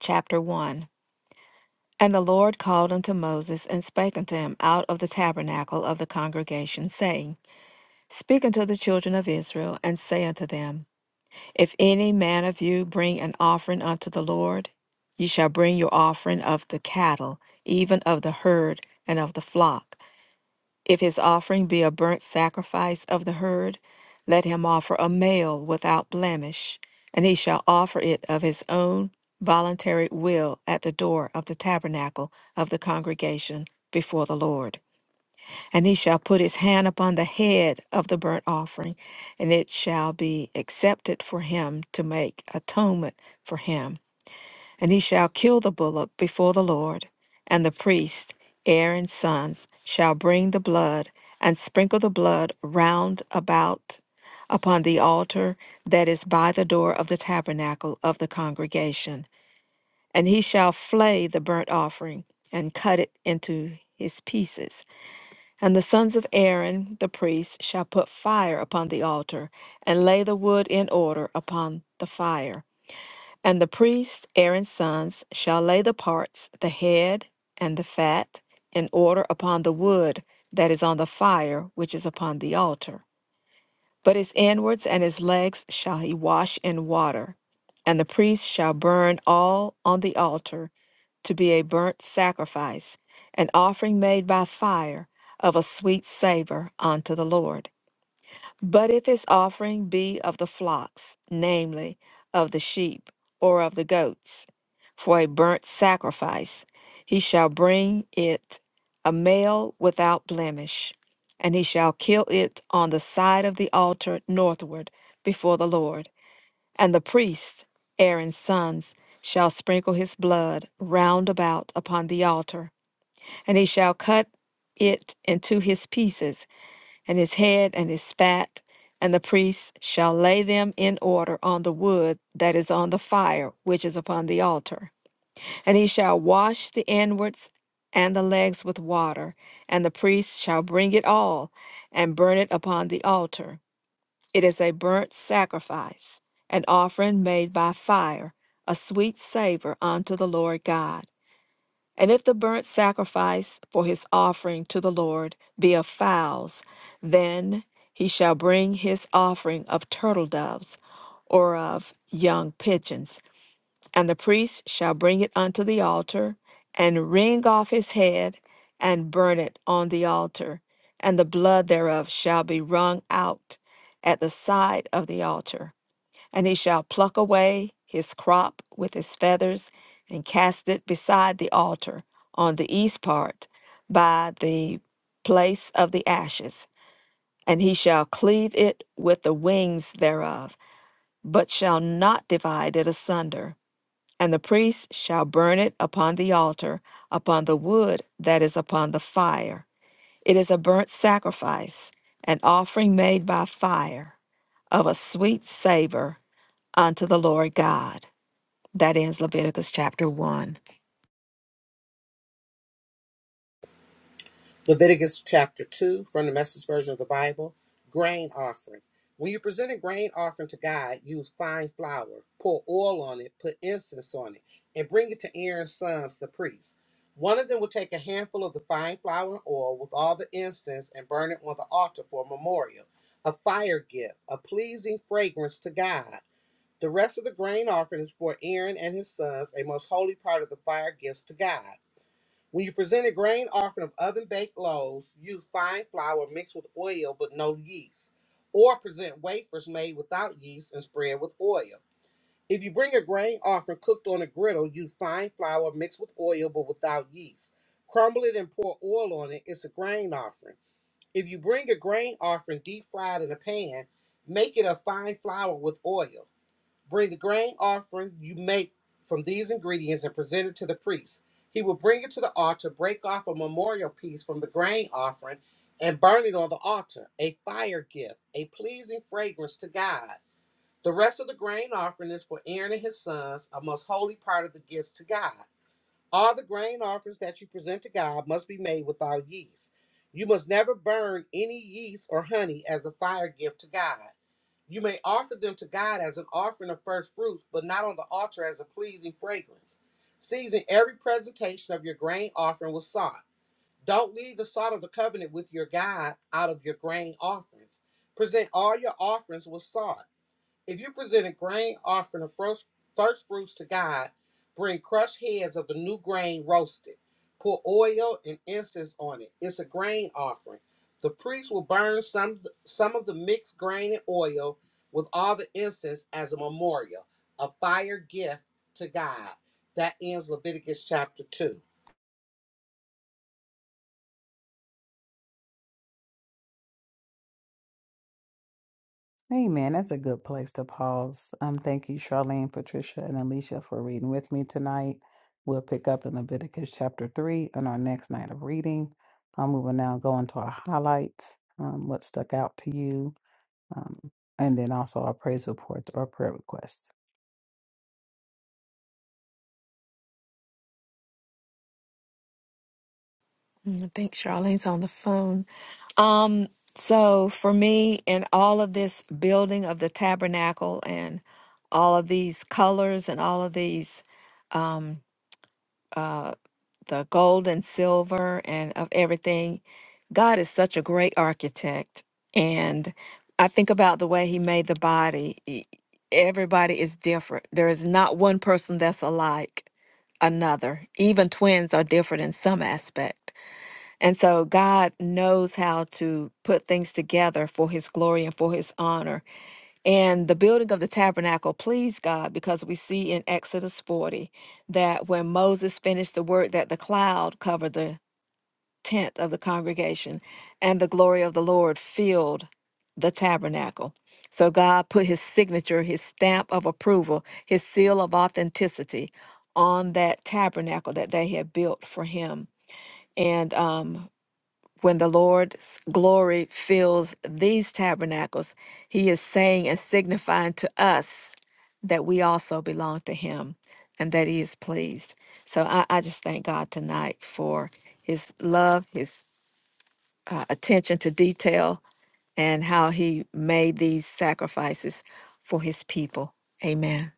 C: chapter 1. And the Lord called unto Moses and spake unto him out of the tabernacle of the congregation, saying, Speak unto the children of Israel, and say unto them, If any man of you bring an offering unto the Lord, ye shall bring your offering of the cattle, even of the herd and of the flock. If his offering be a burnt sacrifice of the herd, let him offer a male without blemish, and he shall offer it of his own voluntary will at the door of the tabernacle of the congregation before the Lord. And he shall put his hand upon the head of the burnt offering, and it shall be accepted for him to make atonement for him. And he shall kill the bullock before the Lord. And the priest, Aaron's sons, shall bring the blood and sprinkle the blood round about upon the altar that is by the door of the tabernacle of the congregation. And he shall flay the burnt offering and cut it into his pieces and the sons of Aaron the priest shall put fire upon the altar, and lay the wood in order upon the fire. And the priests, Aaron's sons, shall lay the parts, the head and the fat, in order upon the wood that is on the fire which is upon the altar. But his inwards and his legs shall he wash in water, and the priest shall burn all on the altar to be a burnt sacrifice, an offering made by fire of a sweet savour unto the Lord. But if his offering be of the flocks, namely, of the sheep or of the goats, for a burnt sacrifice, he shall bring it a male without blemish, and he shall kill it on the side of the altar northward before the Lord. And the priests, Aaron's sons, shall sprinkle his blood round about upon the altar, and he shall cut it into his pieces and his head and his fat, and the priests shall lay them in order on the wood that is on the fire, which is upon the altar. And he shall wash the inwards and the legs with water, and the priest shall bring it all and burn it upon the altar. It is a burnt sacrifice, an offering made by fire, a sweet savor unto the Lord God. And if the burnt sacrifice for his offering to the Lord be of fowls, then he shall bring his offering of turtle doves or of young pigeons. And the priest shall bring it unto the altar, and wring off his head, and burn it on the altar. And the blood thereof shall be wrung out at the side of the altar. And he shall pluck away his crop with his feathers, and cast it beside the altar on the east part by the place of the ashes. And he shall cleave it with the wings thereof, but shall not divide it asunder. And the priest shall burn it upon the altar, upon the wood that is upon the fire. It is a burnt sacrifice, an offering made by fire, of a sweet savor unto the Lord God. That ends Leviticus chapter 1.
D: Leviticus chapter 2 from the message version of the Bible. Grain offering. When you present a grain offering to God, use fine flour, pour oil on it, put incense on it, and bring it to Aaron's sons, the priests. One of them will take a handful of the fine flour and oil with all the incense and burn it on the altar for a memorial, a fire gift, a pleasing fragrance to God. The rest of the grain offering is for Aaron and his sons, a most holy part of the fire gifts to God. When you present a grain offering of oven baked loaves, use fine flour mixed with oil but no yeast, or present wafers made without yeast and spread with oil. If you bring a grain offering cooked on a griddle, use fine flour mixed with oil but without yeast. Crumble it and pour oil on it. It's a grain offering. If you bring a grain offering deep fried in a pan, make it of fine flour with oil. Bring the grain offering you make from these ingredients and present it to the priest. He will bring it to the altar, break off a memorial piece from the grain offering, and burn it on the altar, a fire gift, a pleasing fragrance to God. The rest of the grain offering is for Aaron and his sons, a most holy part of the gifts to God. All the grain offerings that you present to God must be made without yeast. You must never burn any yeast or honey as a fire gift to God. You may offer them to God as an offering of first fruits, but not on the altar as a pleasing fragrance. Season every presentation of your grain offering with salt. Don't leave the salt of the covenant with your God out of your grain offerings. Present all your offerings with salt. If you present a grain offering of first, first fruits to God, bring crushed heads of the new grain roasted. Pour oil and incense on it. It's a grain offering. The priest will burn some, some of the mixed grain and oil with all the incense as a memorial, a fire gift to God. That ends Leviticus chapter 2.
A: Amen. That's a good place to pause. Um, thank you, Charlene, Patricia, and Alicia for reading with me tonight. We'll pick up in Leviticus chapter three on our next night of reading. Um, we will now go into our highlights. Um, what stuck out to you? Um, and then also our praise reports or prayer requests.
C: Mm, I think Charlene's on the phone. Um, so for me, in all of this building of the tabernacle and all of these colors and all of these um, uh, the gold and silver and of everything. God is such a great architect. And I think about the way he made the body. E- Everybody is different. There is not one person that's alike another. Even twins are different in some aspect. And so God knows how to put things together for his glory and for his honor. And the building of the tabernacle pleased God because we see in Exodus 40 that when Moses finished the work that the cloud covered the tent of the congregation and the glory of the Lord filled the tabernacle. So God put his signature, his stamp of approval, his seal of authenticity on that tabernacle that they had built for him. And um, when the Lord's glory fills these tabernacles, he is saying and signifying to us that we also belong to him and that he is pleased. So I, I just thank God tonight for his love, his uh, attention to detail, and how he made these sacrifices for his people. Amen.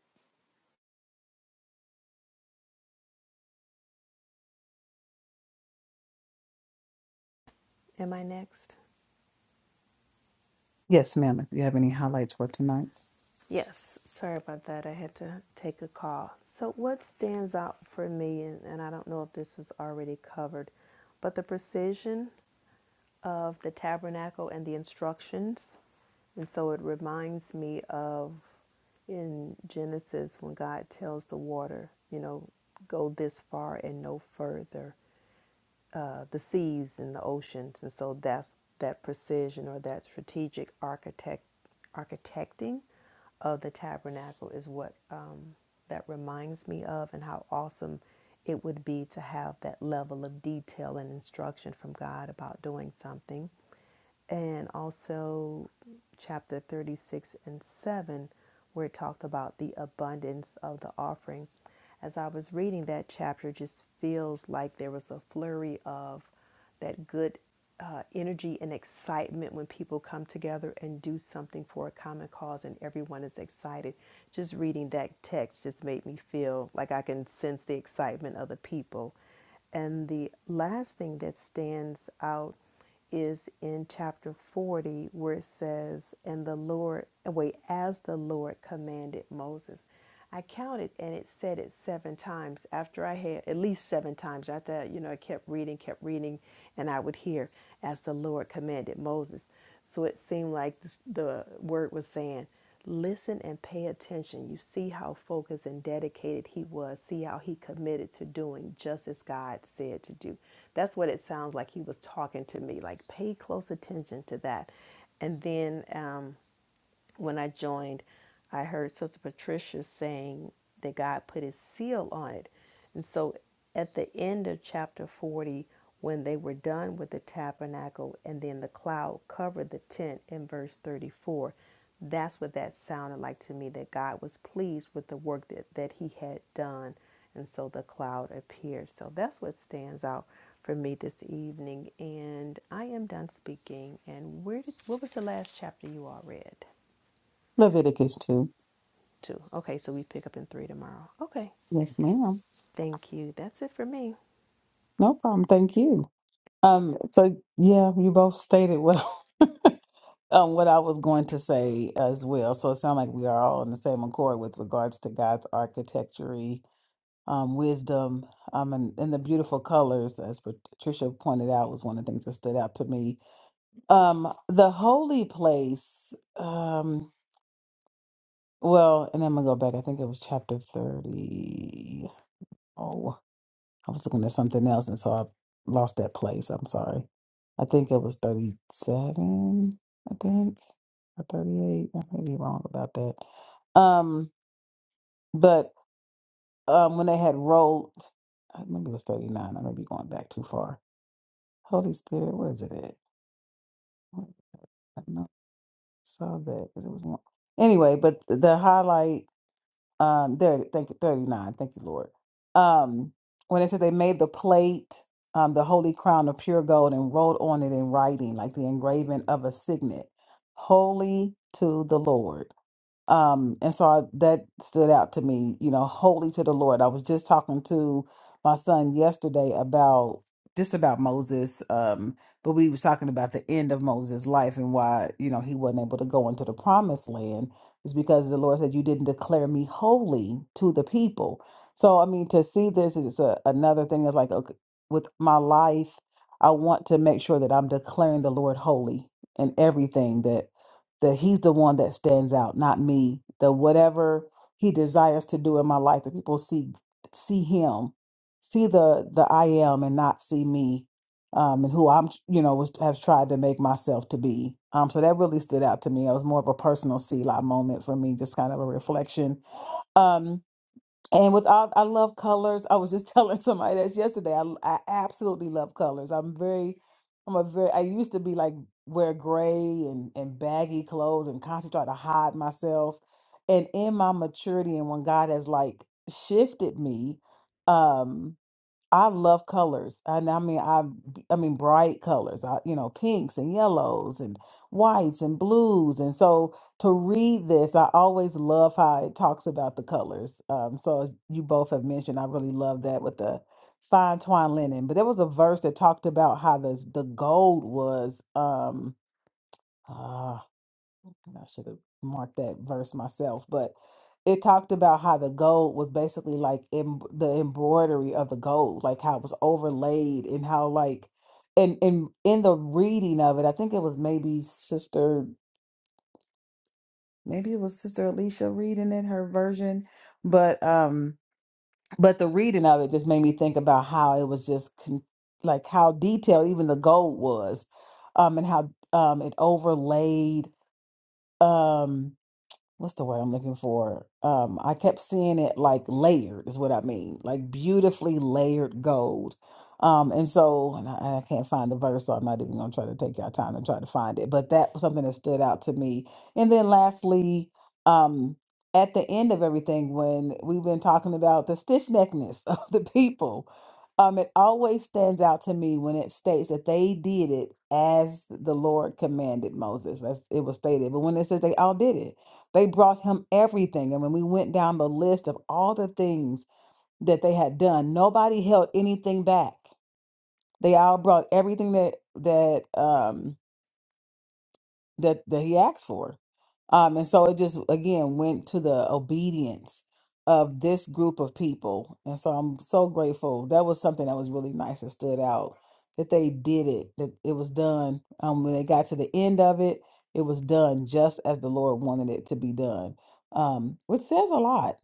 B: Am I next?
A: Yes, ma'am. If you have any highlights for tonight,
B: Yes, sorry about that. I had to take a call. So, what stands out for me, and, and I don't know if this is already covered, but the precision of the tabernacle and the instructions. And so it reminds me of in Genesis when God tells the water, you know, go this far and no further uh, the seas and the oceans, and so that's that precision or that strategic architect architecting of the tabernacle is what um, that reminds me of, and how awesome it would be to have that level of detail and instruction from God about doing something and also chapter 36 and 7, where it talked about the abundance of the offering. As I was reading that chapter, it just feels like there was a flurry of that good uh, energy and excitement when people come together and do something for a common cause and everyone is excited. Just reading that text just made me feel like I can sense the excitement of the people. And the last thing that stands out is in chapter 40 where it says, and the Lord, wait, as the Lord commanded Moses. I counted and it said it seven times after I had, at least seven times after, I, you know, I kept reading, kept reading, and I would hear, as the Lord commanded Moses. So it seemed like this, the word was saying, Listen and pay attention. You see how focused and dedicated he was. See how he committed to doing just as God said to do. That's what it sounds like he was talking to me. Like, pay close attention to that. And then, um, when I joined, I heard Sister Patricia saying that God put his seal on it. And so at the end of chapter 40, when they were done with the tabernacle and then the cloud covered the tent in verse 34, that's what that sounded like to me that God was pleased with the work that, that he had done. And so the cloud appeared. So that's what stands out for me this evening. And I am done speaking. And where did, what was the last chapter you all read?
A: Leviticus 2.
B: Two. Okay, so we pick up in three tomorrow. Okay,
A: Yes, ma'am.
B: thank you. That's it for me.
A: No problem. Thank you. Um, so, yeah, you both stated well. Um, what I was going to say as well. So it sounds like we are all on the same accord with regards to God's architecture, um, wisdom, um, and, and the beautiful colors, as Patricia pointed out, was one of the things that stood out to me. Um, the holy place. Um, Well, and I'm gonna go back. I think it was chapter 30. Oh, I was looking at something else, and so I lost that place. I'm sorry. I think it was 37, I think, or 38. I may be wrong about that. Um, but um, when they had rolled, I maybe it was 39. I may be going back too far. Holy Spirit, where is it at? I don't know. I saw that 'cause it was one. Anyway, but the highlight. um there thank you 39 thank you lord um when it said they made the plate um the holy crown of pure gold and wrote on it in writing like the engraving of a signet holy to the lord um, and so I, that stood out to me, you know, holy to the Lord. I was just talking to my son yesterday about just about Moses, um, but we was talking about the end of Moses' life and why, you know, he wasn't able to go into the promised land is because the Lord said, You didn't declare me holy to the people. So I mean to see this is a, another thing that's like okay, with my life, I want to make sure that I'm declaring the Lord holy in everything that he's the one that stands out, not me. That whatever he desires to do in my life, that people see see him, see the the I am, and not see me, um, and who I'm, you know, was, have tried to make myself to be. Um, so that really stood out to me. It was more of a personal see lot moment for me, just kind of a reflection. Um, and with all, I love colors. I was just telling somebody that's yesterday. I, I absolutely love colors. I'm very, I'm a very. I used to be like wear gray and and baggy clothes and constantly try to hide myself. And in my maturity and when God has like shifted me, um, I love colors, and I mean, I I mean bright colors. I, you know, pinks and yellows and whites and blues. And so to read this, I always love how it talks about the colors. Um, so as you both have mentioned, I really love that with the fine twine linen. But there was a verse that talked about how the the gold was. Um, ah, and I should have marked that verse myself, but it talked about how the gold was basically like em- the embroidery of the gold, like how it was overlaid and how like and in in the reading of it, I think it was maybe sister maybe it was sister Alicia reading it her version, but um but the reading of it just made me think about how it was just con- like how detailed even the gold was um and how um it overlaid um, what's the word I'm looking for? Um, I kept seeing it like layered is what I mean, like beautifully layered gold. Um, and so and I, I can't find the verse, so I'm not even gonna try to take y'all time and try to find it. But that was something that stood out to me. And then lastly, um, at the end of everything, when we've been talking about the stiff neckness of the people, um, it always stands out to me when it states that they did it as the Lord commanded Moses. That's it was stated, but when it says they all did it, they brought him everything. And when we went down the list of all the things that they had done, nobody held anything back. They all brought everything that that um that that he asked for. Um, and so it just again went to the obedience of this group of people. And so I'm so grateful. That was something that was really nice and stood out that they did it, that it was done. Um, when they got to the end of it, it was done just as the Lord wanted it to be done, um, which says a lot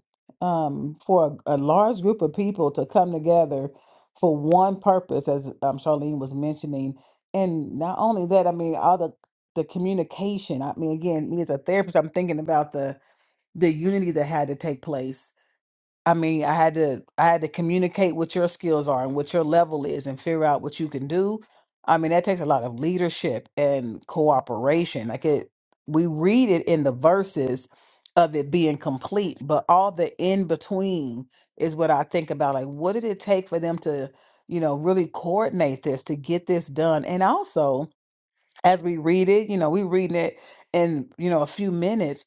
A: um, for a, a large group of people to come together for one purpose, as um, Charlene was mentioning. And not only that, I mean, all the the communication. I mean, again, me as a therapist, I'm thinking about the the unity that had to take place. I mean, I had to I had to communicate what your skills are and what your level is and figure out what you can do. I mean, that takes a lot of leadership and cooperation. Like it we read it in the verses of it being complete, but all the in between is what I think about. Like what did it take for them to, you know, really coordinate this to get this done? And also as we read it, you know, we reading it in, you know, a few minutes.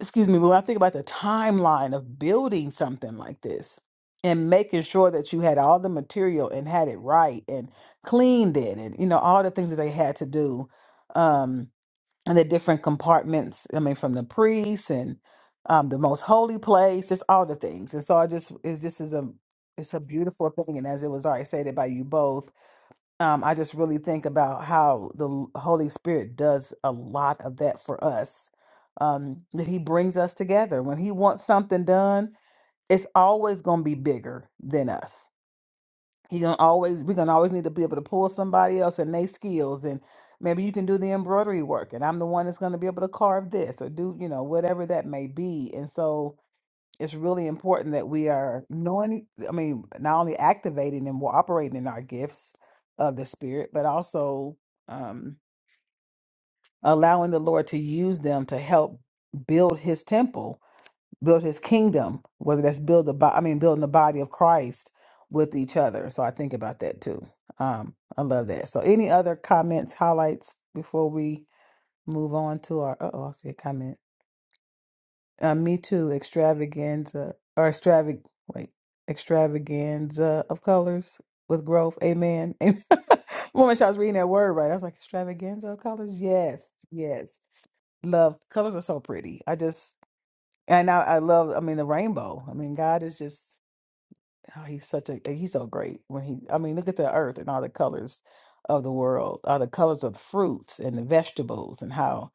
A: Excuse me, but when I think about the timeline of building something like this and making sure that you had all the material and had it right and cleaned it and, you know, all the things that they had to do. Um, and the different compartments, I mean, from the priests and um the most holy place, just all the things. And so I just it's just is a it's a beautiful thing. And as it was already stated by you both, um, I just really think about how the L- Holy Spirit does a lot of that for us. Um, that He brings us together. When He wants something done, it's always going to be bigger than us. He gonna always we're gonna always need to be able to pull somebody else and their skills, and maybe you can do the embroidery work, and I'm the one that's gonna be able to carve this or do you know whatever that may be. And so it's really important that we are knowing i mean not only activating and we're operating in our gifts of the spirit but also um allowing the lord to use them to help build his temple build his kingdom whether that's build the bo- i mean building the body of christ with each other so i think about that too um i love that so any other comments highlights before we move on to our uh-oh i see a comment Uh, Me Too extravaganza or extravag wait extravaganza of colors with growth. Amen. Amen. Woman, I was reading that word right. I was like extravaganza of colors. Yes, yes. Love colors are so pretty. I just and I, I love. I mean the rainbow. I mean God is just oh, he's such a he's so great when he. I mean look at the earth and all the colors of the world, all the colors of the fruits and the vegetables and how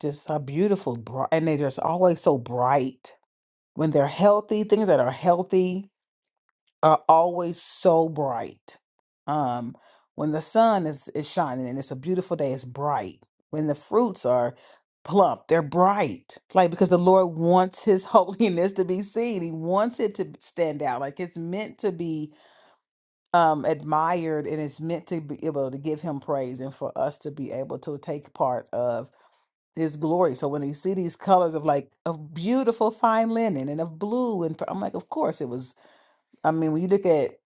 A: just how beautiful bright and they're just always so bright when they're healthy, things that are healthy are always so bright. Um, when the sun is, is shining and it's a beautiful day, it's bright. When the fruits are plump, they're bright. Like because the Lord wants his holiness to be seen. He wants it to stand out. Like it's meant to be um admired and it's meant to be able to give him praise and for us to be able to take part of his glory. So when you see these colors of like of beautiful fine linen and of blue and pur- I'm like, of course it was. I mean, when you look at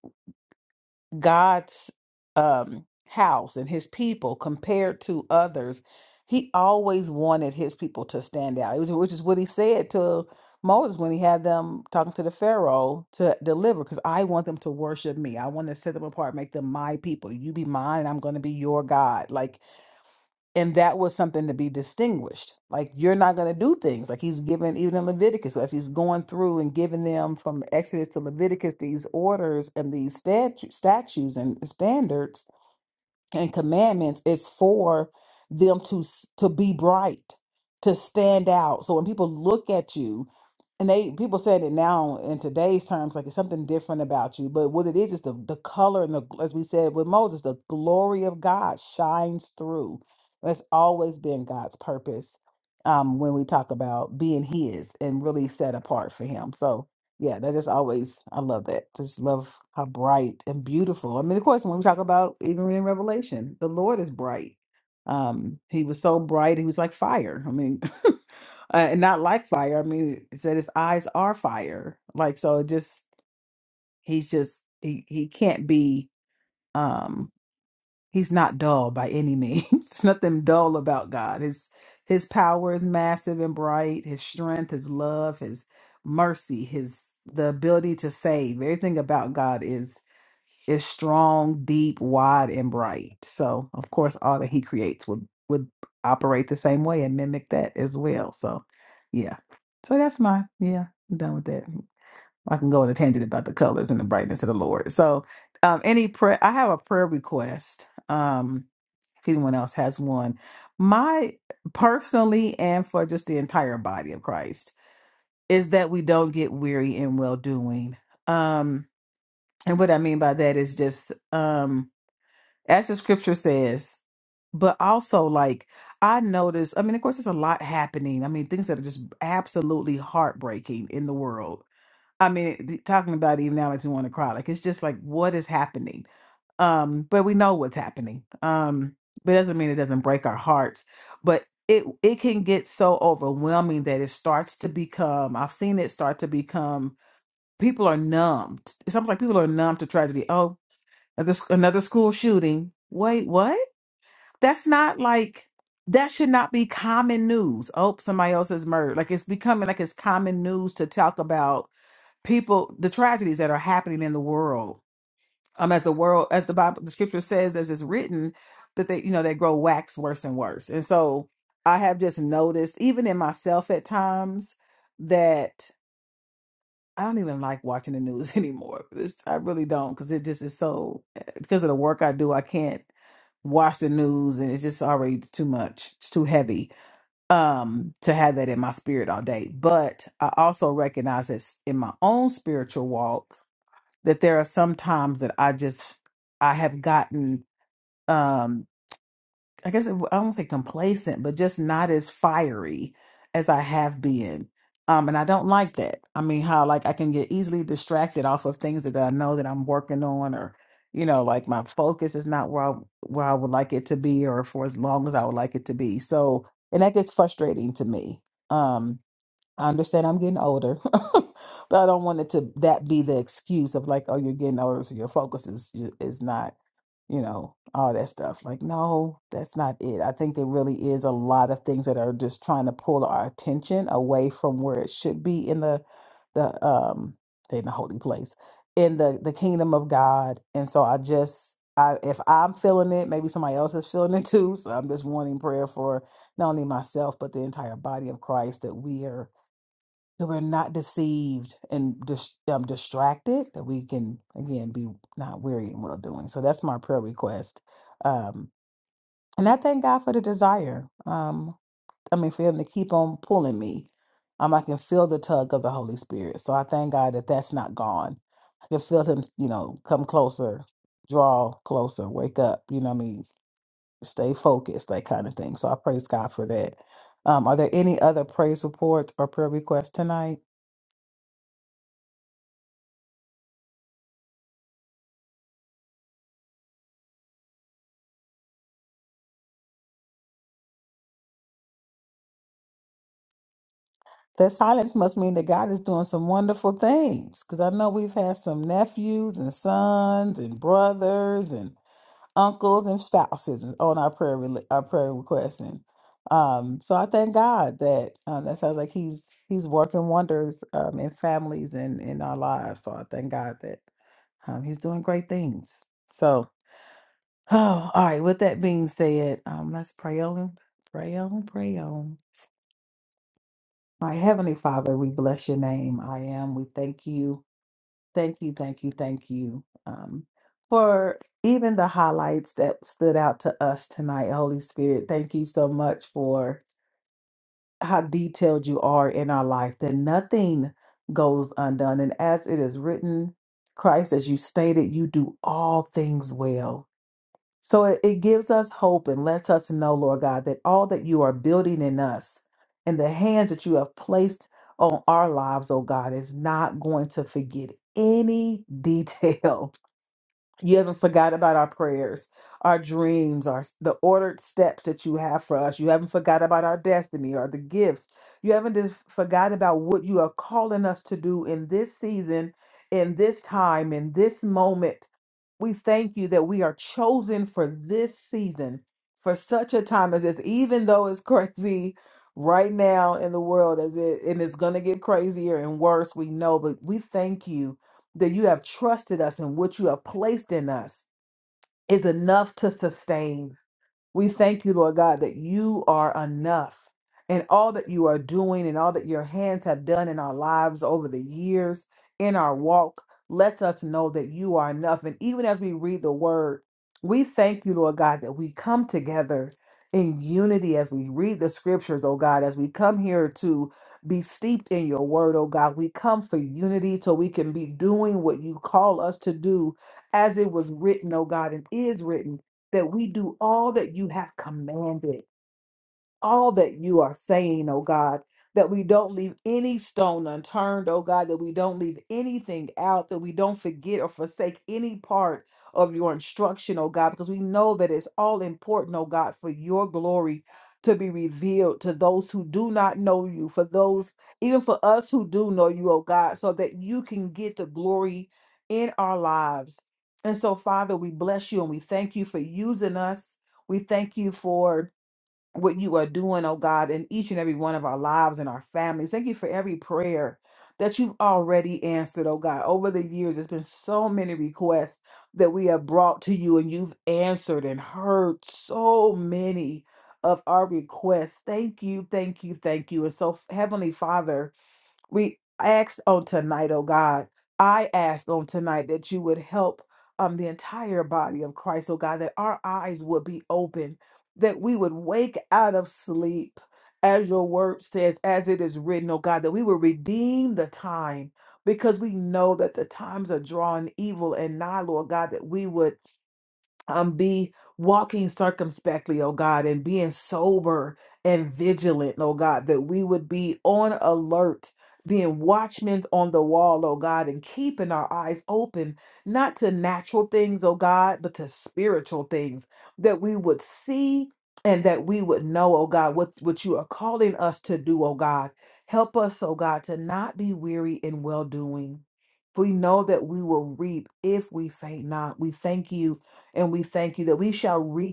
A: God's um house and his people compared to others, he always wanted his people to stand out. It was which is what he said to Moses when he had them talking to the Pharaoh to deliver, because I want them to worship me. I want to set them apart, make them my people. You be mine, and I'm going to be your God. Like and that was something to be distinguished like you're not going to do things like he's given even in leviticus as he's going through and giving them from exodus to leviticus these orders and these statu- statues and standards and commandments is for them to s- to be bright to stand out so when people look at you and they people said it now in today's terms like it's something different about you but what it is is the, the color and the gl- as we said with moses the glory of god shines through that's always been god's purpose um, when we talk about being his and really set apart for him so yeah, that just always I love that. Just love how bright and beautiful. I mean, of course, when we talk about even in Revelation, the Lord is bright. Um, he was so bright, he was like fire. I mean, uh, and not like fire. I mean, it said his eyes are fire. Like so, it just he's just he he can't be. um, He's not dull by any means. There's nothing dull about God. His his power is massive and bright, his strength, his love, his mercy, his the ability to save. Everything about God is is strong, deep, wide, and bright. So of course all that he creates would would operate the same way and mimic that as well. So yeah. So that's my yeah, I'm done with that. I can go on a tangent about the colors and the brightness of the Lord. So um any prayer I have a prayer request. Um if anyone else has one. My personally, and for just the entire body of Christ, is that we don't get weary in well doing. Um, and what I mean by that is just, um, as the scripture says, but also like I noticed, I mean, of course, there's a lot happening. I mean, things that are just absolutely heartbreaking in the world. I mean, th- talking about it even now makes me want to cry. Like, it's just like, what is happening? um but we know what's happening um but it doesn't mean it doesn't break our hearts but it it can get so overwhelming that it starts to become i've seen it start to become people are numbed it's almost like people are numb to tragedy oh another, another school shooting wait what that's not like that should not be common news oh somebody else is murdered like it's becoming like it's common news to talk about people the tragedies that are happening in the world um, as the world, as the Bible, the scripture says, as it's written, that they, you know, they grow wax worse and worse. And so I have just noticed, even in myself at times, that I don't even like watching the news anymore. It's, I really don't, because it just is so, because of the work I do, I can't watch the news and it's just already too much. It's too heavy um to have that in my spirit all day. But I also recognize this in my own spiritual walk that there are some times that I just I have gotten um I guess it, I don't say complacent, but just not as fiery as I have been. Um, and I don't like that. I mean, how like I can get easily distracted off of things that I know that I'm working on, or you know, like my focus is not where I where I would like it to be, or for as long as I would like it to be. So, and that gets frustrating to me. Um I understand I'm getting older, but I don't want it to that be the excuse of like, oh, you're getting older, so your focus is is not, you know, all that stuff. Like, no, that's not it. I think there really is a lot of things that are just trying to pull our attention away from where it should be in the the um in the holy place in the the kingdom of God. And so I just I if I'm feeling it, maybe somebody else is feeling it too. So I'm just wanting prayer for not only myself but the entire body of Christ that we are that we're not deceived and dis- um, distracted, that we can again be not weary in well doing. So that's my prayer request, um, and I thank God for the desire. Um, I mean, for Him to keep on pulling me. Um, I can feel the tug of the Holy Spirit, so I thank God that that's not gone. I can feel Him, you know, come closer, draw closer, wake up. You know, what I mean, stay focused, that kind of thing. So I praise God for that. Um, are there any other praise reports or prayer requests tonight? That silence must mean that God is doing some wonderful things because I know we've had some nephews and sons and brothers and uncles and spouses on our prayer rela- our prayer requests and um so i thank god that um, that sounds like he's he's working wonders um in families and in our lives so i thank god that um he's doing great things so oh all right with that being said um let's pray on pray on pray on my heavenly father we bless your name i am we thank you Thank you, thank you, thank you um, for even the highlights that stood out to us tonight, Holy Spirit. Thank you so much for how detailed you are in our life, that nothing goes undone. And as it is written, Christ, as you stated, you do all things well. So it, it gives us hope and lets us know, Lord God, that all that you are building in us and the hands that you have placed on our lives, oh God, is not going to forget any detail you haven't forgot about our prayers, our dreams, our the ordered steps that you have for us. You haven't forgot about our destiny or the gifts. You haven't just forgot about what you are calling us to do in this season, in this time, in this moment. We thank you that we are chosen for this season, for such a time as this, even though it's crazy right now in the world as it and it's gonna get crazier and worse, we know, but we thank you that you have trusted us and what you have placed in us is enough to sustain we thank you, Lord God, that you are enough and all that you are doing and all that your hands have done in our lives over the years, in our walk, lets us know that you are enough. And even as we read the word, we thank you, Lord God, that we come together in unity as we read the scriptures, oh God, as we come here to be steeped in your word, oh God. We come for unity so we can be doing what you call us to do as it was written, oh God, and is written that we do all that you have commanded all that you are saying, oh God, that we don't leave any stone unturned, oh God, that we don't leave anything out, that we don't forget or forsake any part of your instruction, oh God, because we know that it's all important, oh God, for your glory to be revealed to those who do not know you, for those, even for us who do know you, oh God, so that you can get the glory in our lives. And so, Father, we bless you and we thank you for using us. We thank you for what you are doing, oh God, in each and every one of our lives and our families. Thank you for every prayer that you've already answered, oh God. Over the years, there's been so many requests that we have brought to you, and you've answered and heard so many of our requests. Thank you, thank you, thank you. And so, Heavenly Father, we ask on tonight, oh God, I ask on tonight that you would help um, the entire body of Christ, oh God, that our eyes would be open, that we would wake out of sleep, as your word says, as it is written, oh God, that we would redeem the time because we know that the times are drawing evil and nigh, Lord God, that we would um, be walking circumspectly, oh God, and being sober and vigilant, oh God, that we would be on alert, being watchmen on the wall, oh God, and keeping our eyes open, not to natural things, oh God, but to spiritual things that we would see and that we would know, oh God, what, what you are calling us to do, oh God. Help us, oh God, to not be weary in well doing. We know that we will reap if we faint not. We thank you and we thank you that we shall reach.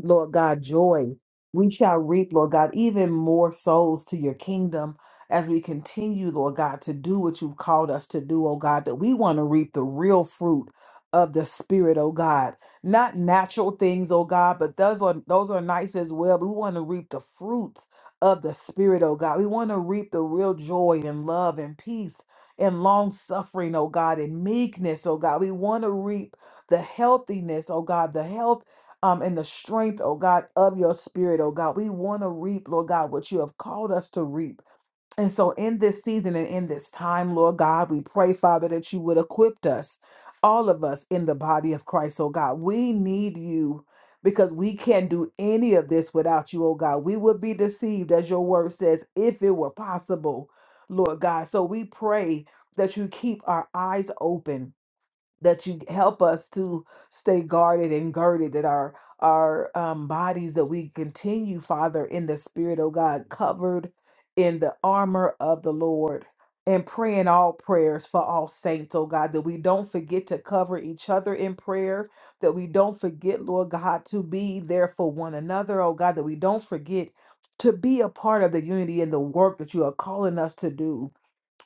A: Lord God, joy. We shall reap, Lord God, even more souls to your kingdom as we continue, Lord God, to do what you've called us to do, oh God, that we want to reap the real fruit of the spirit, oh God. Not natural things, oh God, but those are those are nice as well. But we want to reap the fruits of the spirit, oh God. We want to reap the real joy and love and peace and long suffering, oh God, and meekness, oh God. We want to reap the healthiness, oh God, the health um, and the strength, oh God, of your spirit, oh God. We want to reap, Lord God, what you have called us to reap. And so in this season and in this time, Lord God, we pray, Father, that you would equip us, all of us in the body of Christ, oh God. We need you because we can't do any of this without you, oh God. We would be deceived, as your word says, if it were possible, Lord God. So we pray that you keep our eyes open that you help us to stay guarded and girded that our our um, bodies that we continue father in the spirit of god covered in the armor of the lord and praying all prayers for all saints oh god that we don't forget to cover each other in prayer that we don't forget lord god to be there for one another oh god that we don't forget to be a part of the unity and the work that you are calling us to do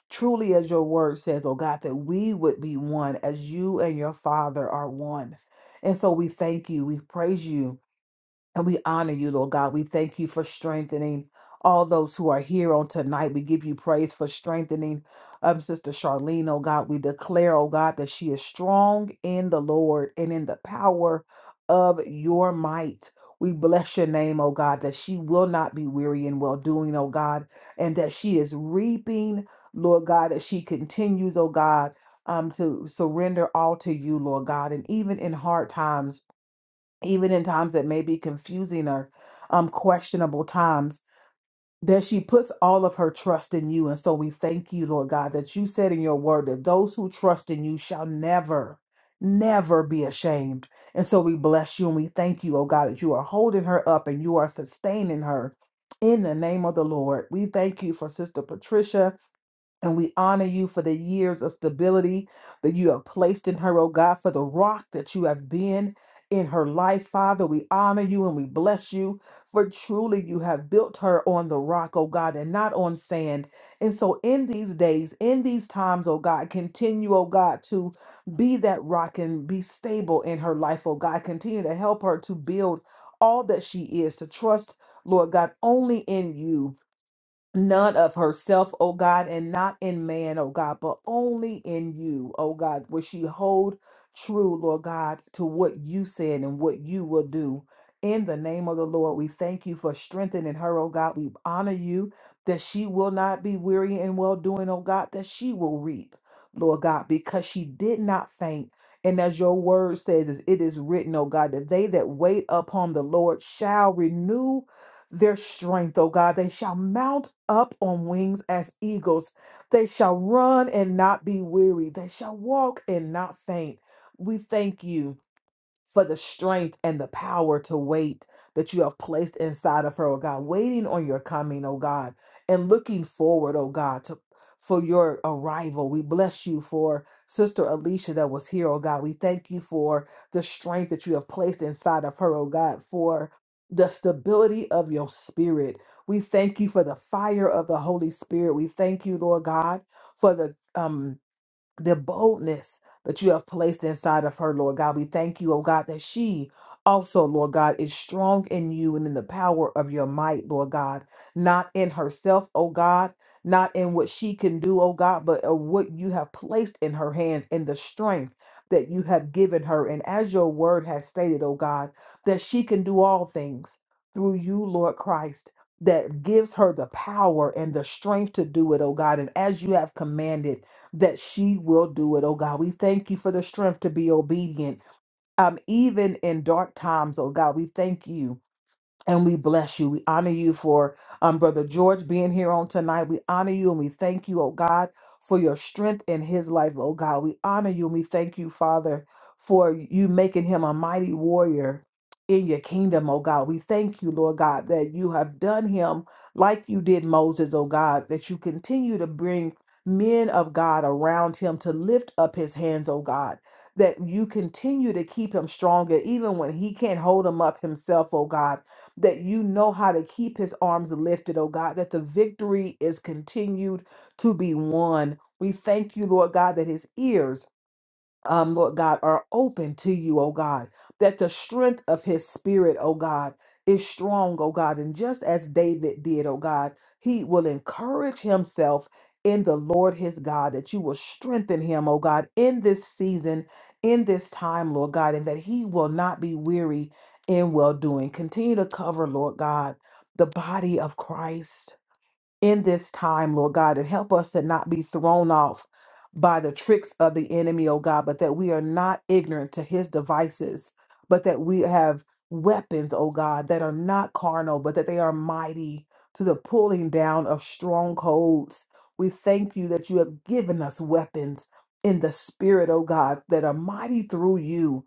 A: Truly, as your word says, oh God, that we would be one as you and your Father are one. And so we thank you. We praise you. And we honor you, Lord God. We thank you for strengthening all those who are here on tonight. We give you praise for strengthening um, Sister Charlene, oh God. We declare, oh God, that she is strong in the Lord and in the power of your might. We bless your name, oh God, that she will not be weary in well doing, oh God, and that she is reaping, Lord God, that she continues, oh God, um, to surrender all to you, Lord God. And even in hard times, even in times that may be confusing or um, questionable times, that she puts all of her trust in you. And so we thank you, Lord God, that you said in your word that those who trust in you shall never, never be ashamed. And so we bless you and we thank you, oh God, that you are holding her up and you are sustaining her. In the name of the Lord, we thank you for Sister Patricia. And we honor you for the years of stability that you have placed in her, oh God, for the rock that you have been in her life, Father. We honor you and we bless you, for truly you have built her on the rock, oh God, and not on sand. And so in these days, in these times, oh God, continue, oh God, to be that rock and be stable in her life, oh God. Continue to help her to build all that she is, to trust, Lord God, only in you none of herself, O God, and not in man, O God, but only in you, O God, will she hold true, Lord God, to what you said and what you will do. In the name of the Lord, we thank you for strengthening her, O God. We honor you that she will not be weary in well doing, O God, that she will reap, Lord God, because she did not faint. And as your word says, as it is written, O God, that they that wait upon the Lord shall renew their strength, O God. They shall mount up on wings as eagles. They shall run and not be weary. They shall walk and not faint. We thank you for the strength and the power to wait that you have placed inside of her, oh God, waiting on your coming, oh God, and looking forward, oh God, to for your arrival. We bless you for Sister Alicia that was here, oh God. We thank you for the strength that you have placed inside of her, oh God, for the stability of your spirit. We thank you for the fire of the Holy Spirit. We thank you, Lord God, for the um the boldness that you have placed inside of her, Lord God. We thank you, oh God, that she also, Lord God, is strong in you and in the power of your might, Lord God, not in herself, oh God. Not in what she can do, oh God, but uh, what you have placed in her hands and the strength that you have given her. And as your word has stated, oh God, that she can do all things through you, Lord Christ, that gives her the power and the strength to do it, oh God. And as you have commanded, that she will do it, oh God. We thank you for the strength to be obedient. Um, even in dark times, oh God, we thank you and we bless you. We honor you for um, Brother George being here on tonight. We honor you and we thank you, oh God, for your strength in his life, oh God. We honor you and we thank you, Father, for you making him a mighty warrior in your kingdom, oh God. We thank you, Lord God, that you have done him like you did Moses, oh God, that you continue to bring men of God around him to lift up his hands, oh God. That you continue to keep him stronger, even when he can't hold him up himself, oh God that you know how to keep his arms lifted, oh God, that the victory is continued to be won. We thank you, Lord God, that his ears um, Lord God, are open to you, oh God, that the strength of his spirit, oh God, is strong, oh God. And just as David did, oh God, he will encourage himself in the Lord his God, that you will strengthen him, oh God, in this season, in this time, Lord God, and that he will not be weary in well doing. Continue to cover, Lord God, the body of Christ in this time, Lord God, and help us to not be thrown off by the tricks of the enemy, oh God, but that we are not ignorant to his devices, but that we have weapons, oh God, that are not carnal, but that they are mighty to the pulling down of strongholds. We thank you that you have given us weapons in the spirit, oh God, that are mighty through you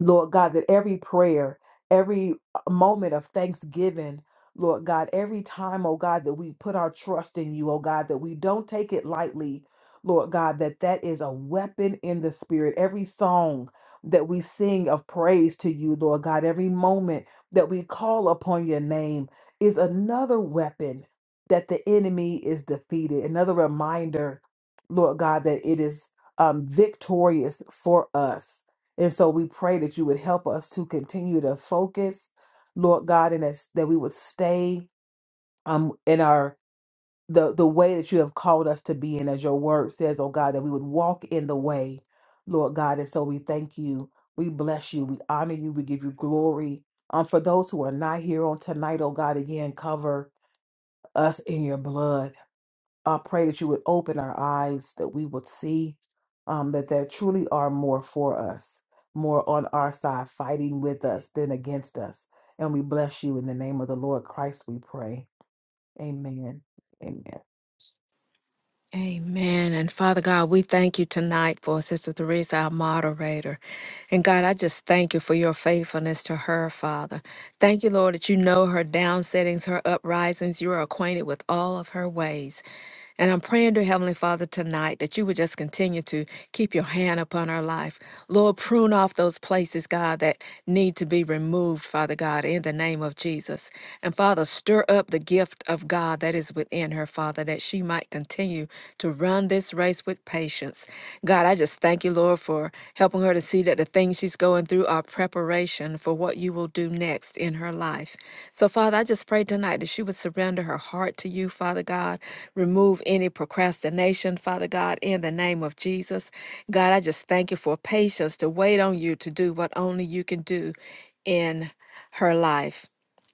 A: Lord God, that every prayer, every uh, moment of thanksgiving, Lord God, every time, oh God, that we put our trust in you, oh God, that we don't take it lightly, Lord God, that that is a weapon in the spirit. Every song that we sing of praise to you, Lord God, every moment that we call upon your name is another weapon that the enemy is defeated, another reminder, Lord God, that it is um, victorious for us. And so we pray that you would help us to continue to focus, Lord God, and as, that we would stay um in our the the way that you have called us to be in, as your word says, oh God, that we would walk in the way, Lord God. And so we thank you, we bless you, we honor you, we give you glory. Um, for those who are not here on tonight, oh God, again, cover us in your blood. I pray that you would open our eyes, that we would see um, that there truly are more for us, more on our side, fighting with us than against us. And we bless you in the name of the Lord Christ, we pray. Amen. Amen.
C: Amen. And Father God, we thank you tonight for Sister Theresa, our moderator. And God, I just thank you for your faithfulness to her, Father. Thank you, Lord, that you know her down settings, her uprisings. You are acquainted with all of her ways. And I'm praying, dear Heavenly Father, tonight that you would just continue to keep your hand upon her life. Lord, prune off those places, God, that need to be removed, Father God, in the name of Jesus. And Father, stir up the gift of of God that is within her, Father, that she might continue to run this race with patience. God, I just thank you, Lord, for helping her to see that the things she's going through are preparation for what you will do next in her life. So, Father, I just pray tonight that she would surrender her heart to you, Father God. Remove any procrastination, Father God, in the name of Jesus. God, I just thank you for patience to wait on you to do what only you can do in her life.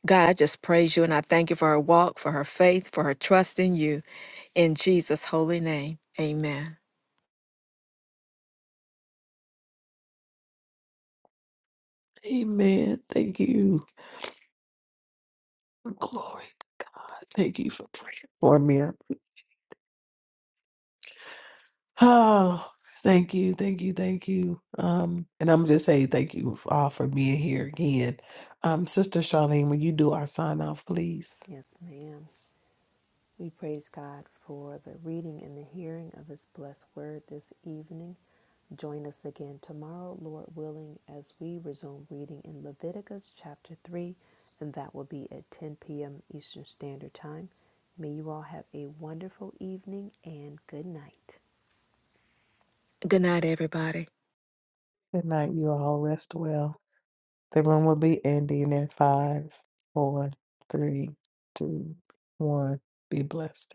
C: God, I just praise you and I thank you for her walk, for her faith, for her trust in you. In Jesus' holy name, amen.
A: Amen. Thank you. Glory to God. Thank you for praying for me. Oh, thank you, thank you, thank you. Um, and I'm just saying thank you all for being here again. Um, Sister Charlene, will you do our sign off, please?
B: Yes, ma'am. We praise God for the reading and the hearing of His blessed word this evening. Join us again tomorrow, Lord willing, as we resume reading in Leviticus chapter 3, and that will be at 10 p.m. Eastern Standard Time. May you all have a wonderful evening and good night.
C: Good night, everybody.
A: Good night, you all. Rest well. The room will be ending in five, four, three, two, one. Be blessed.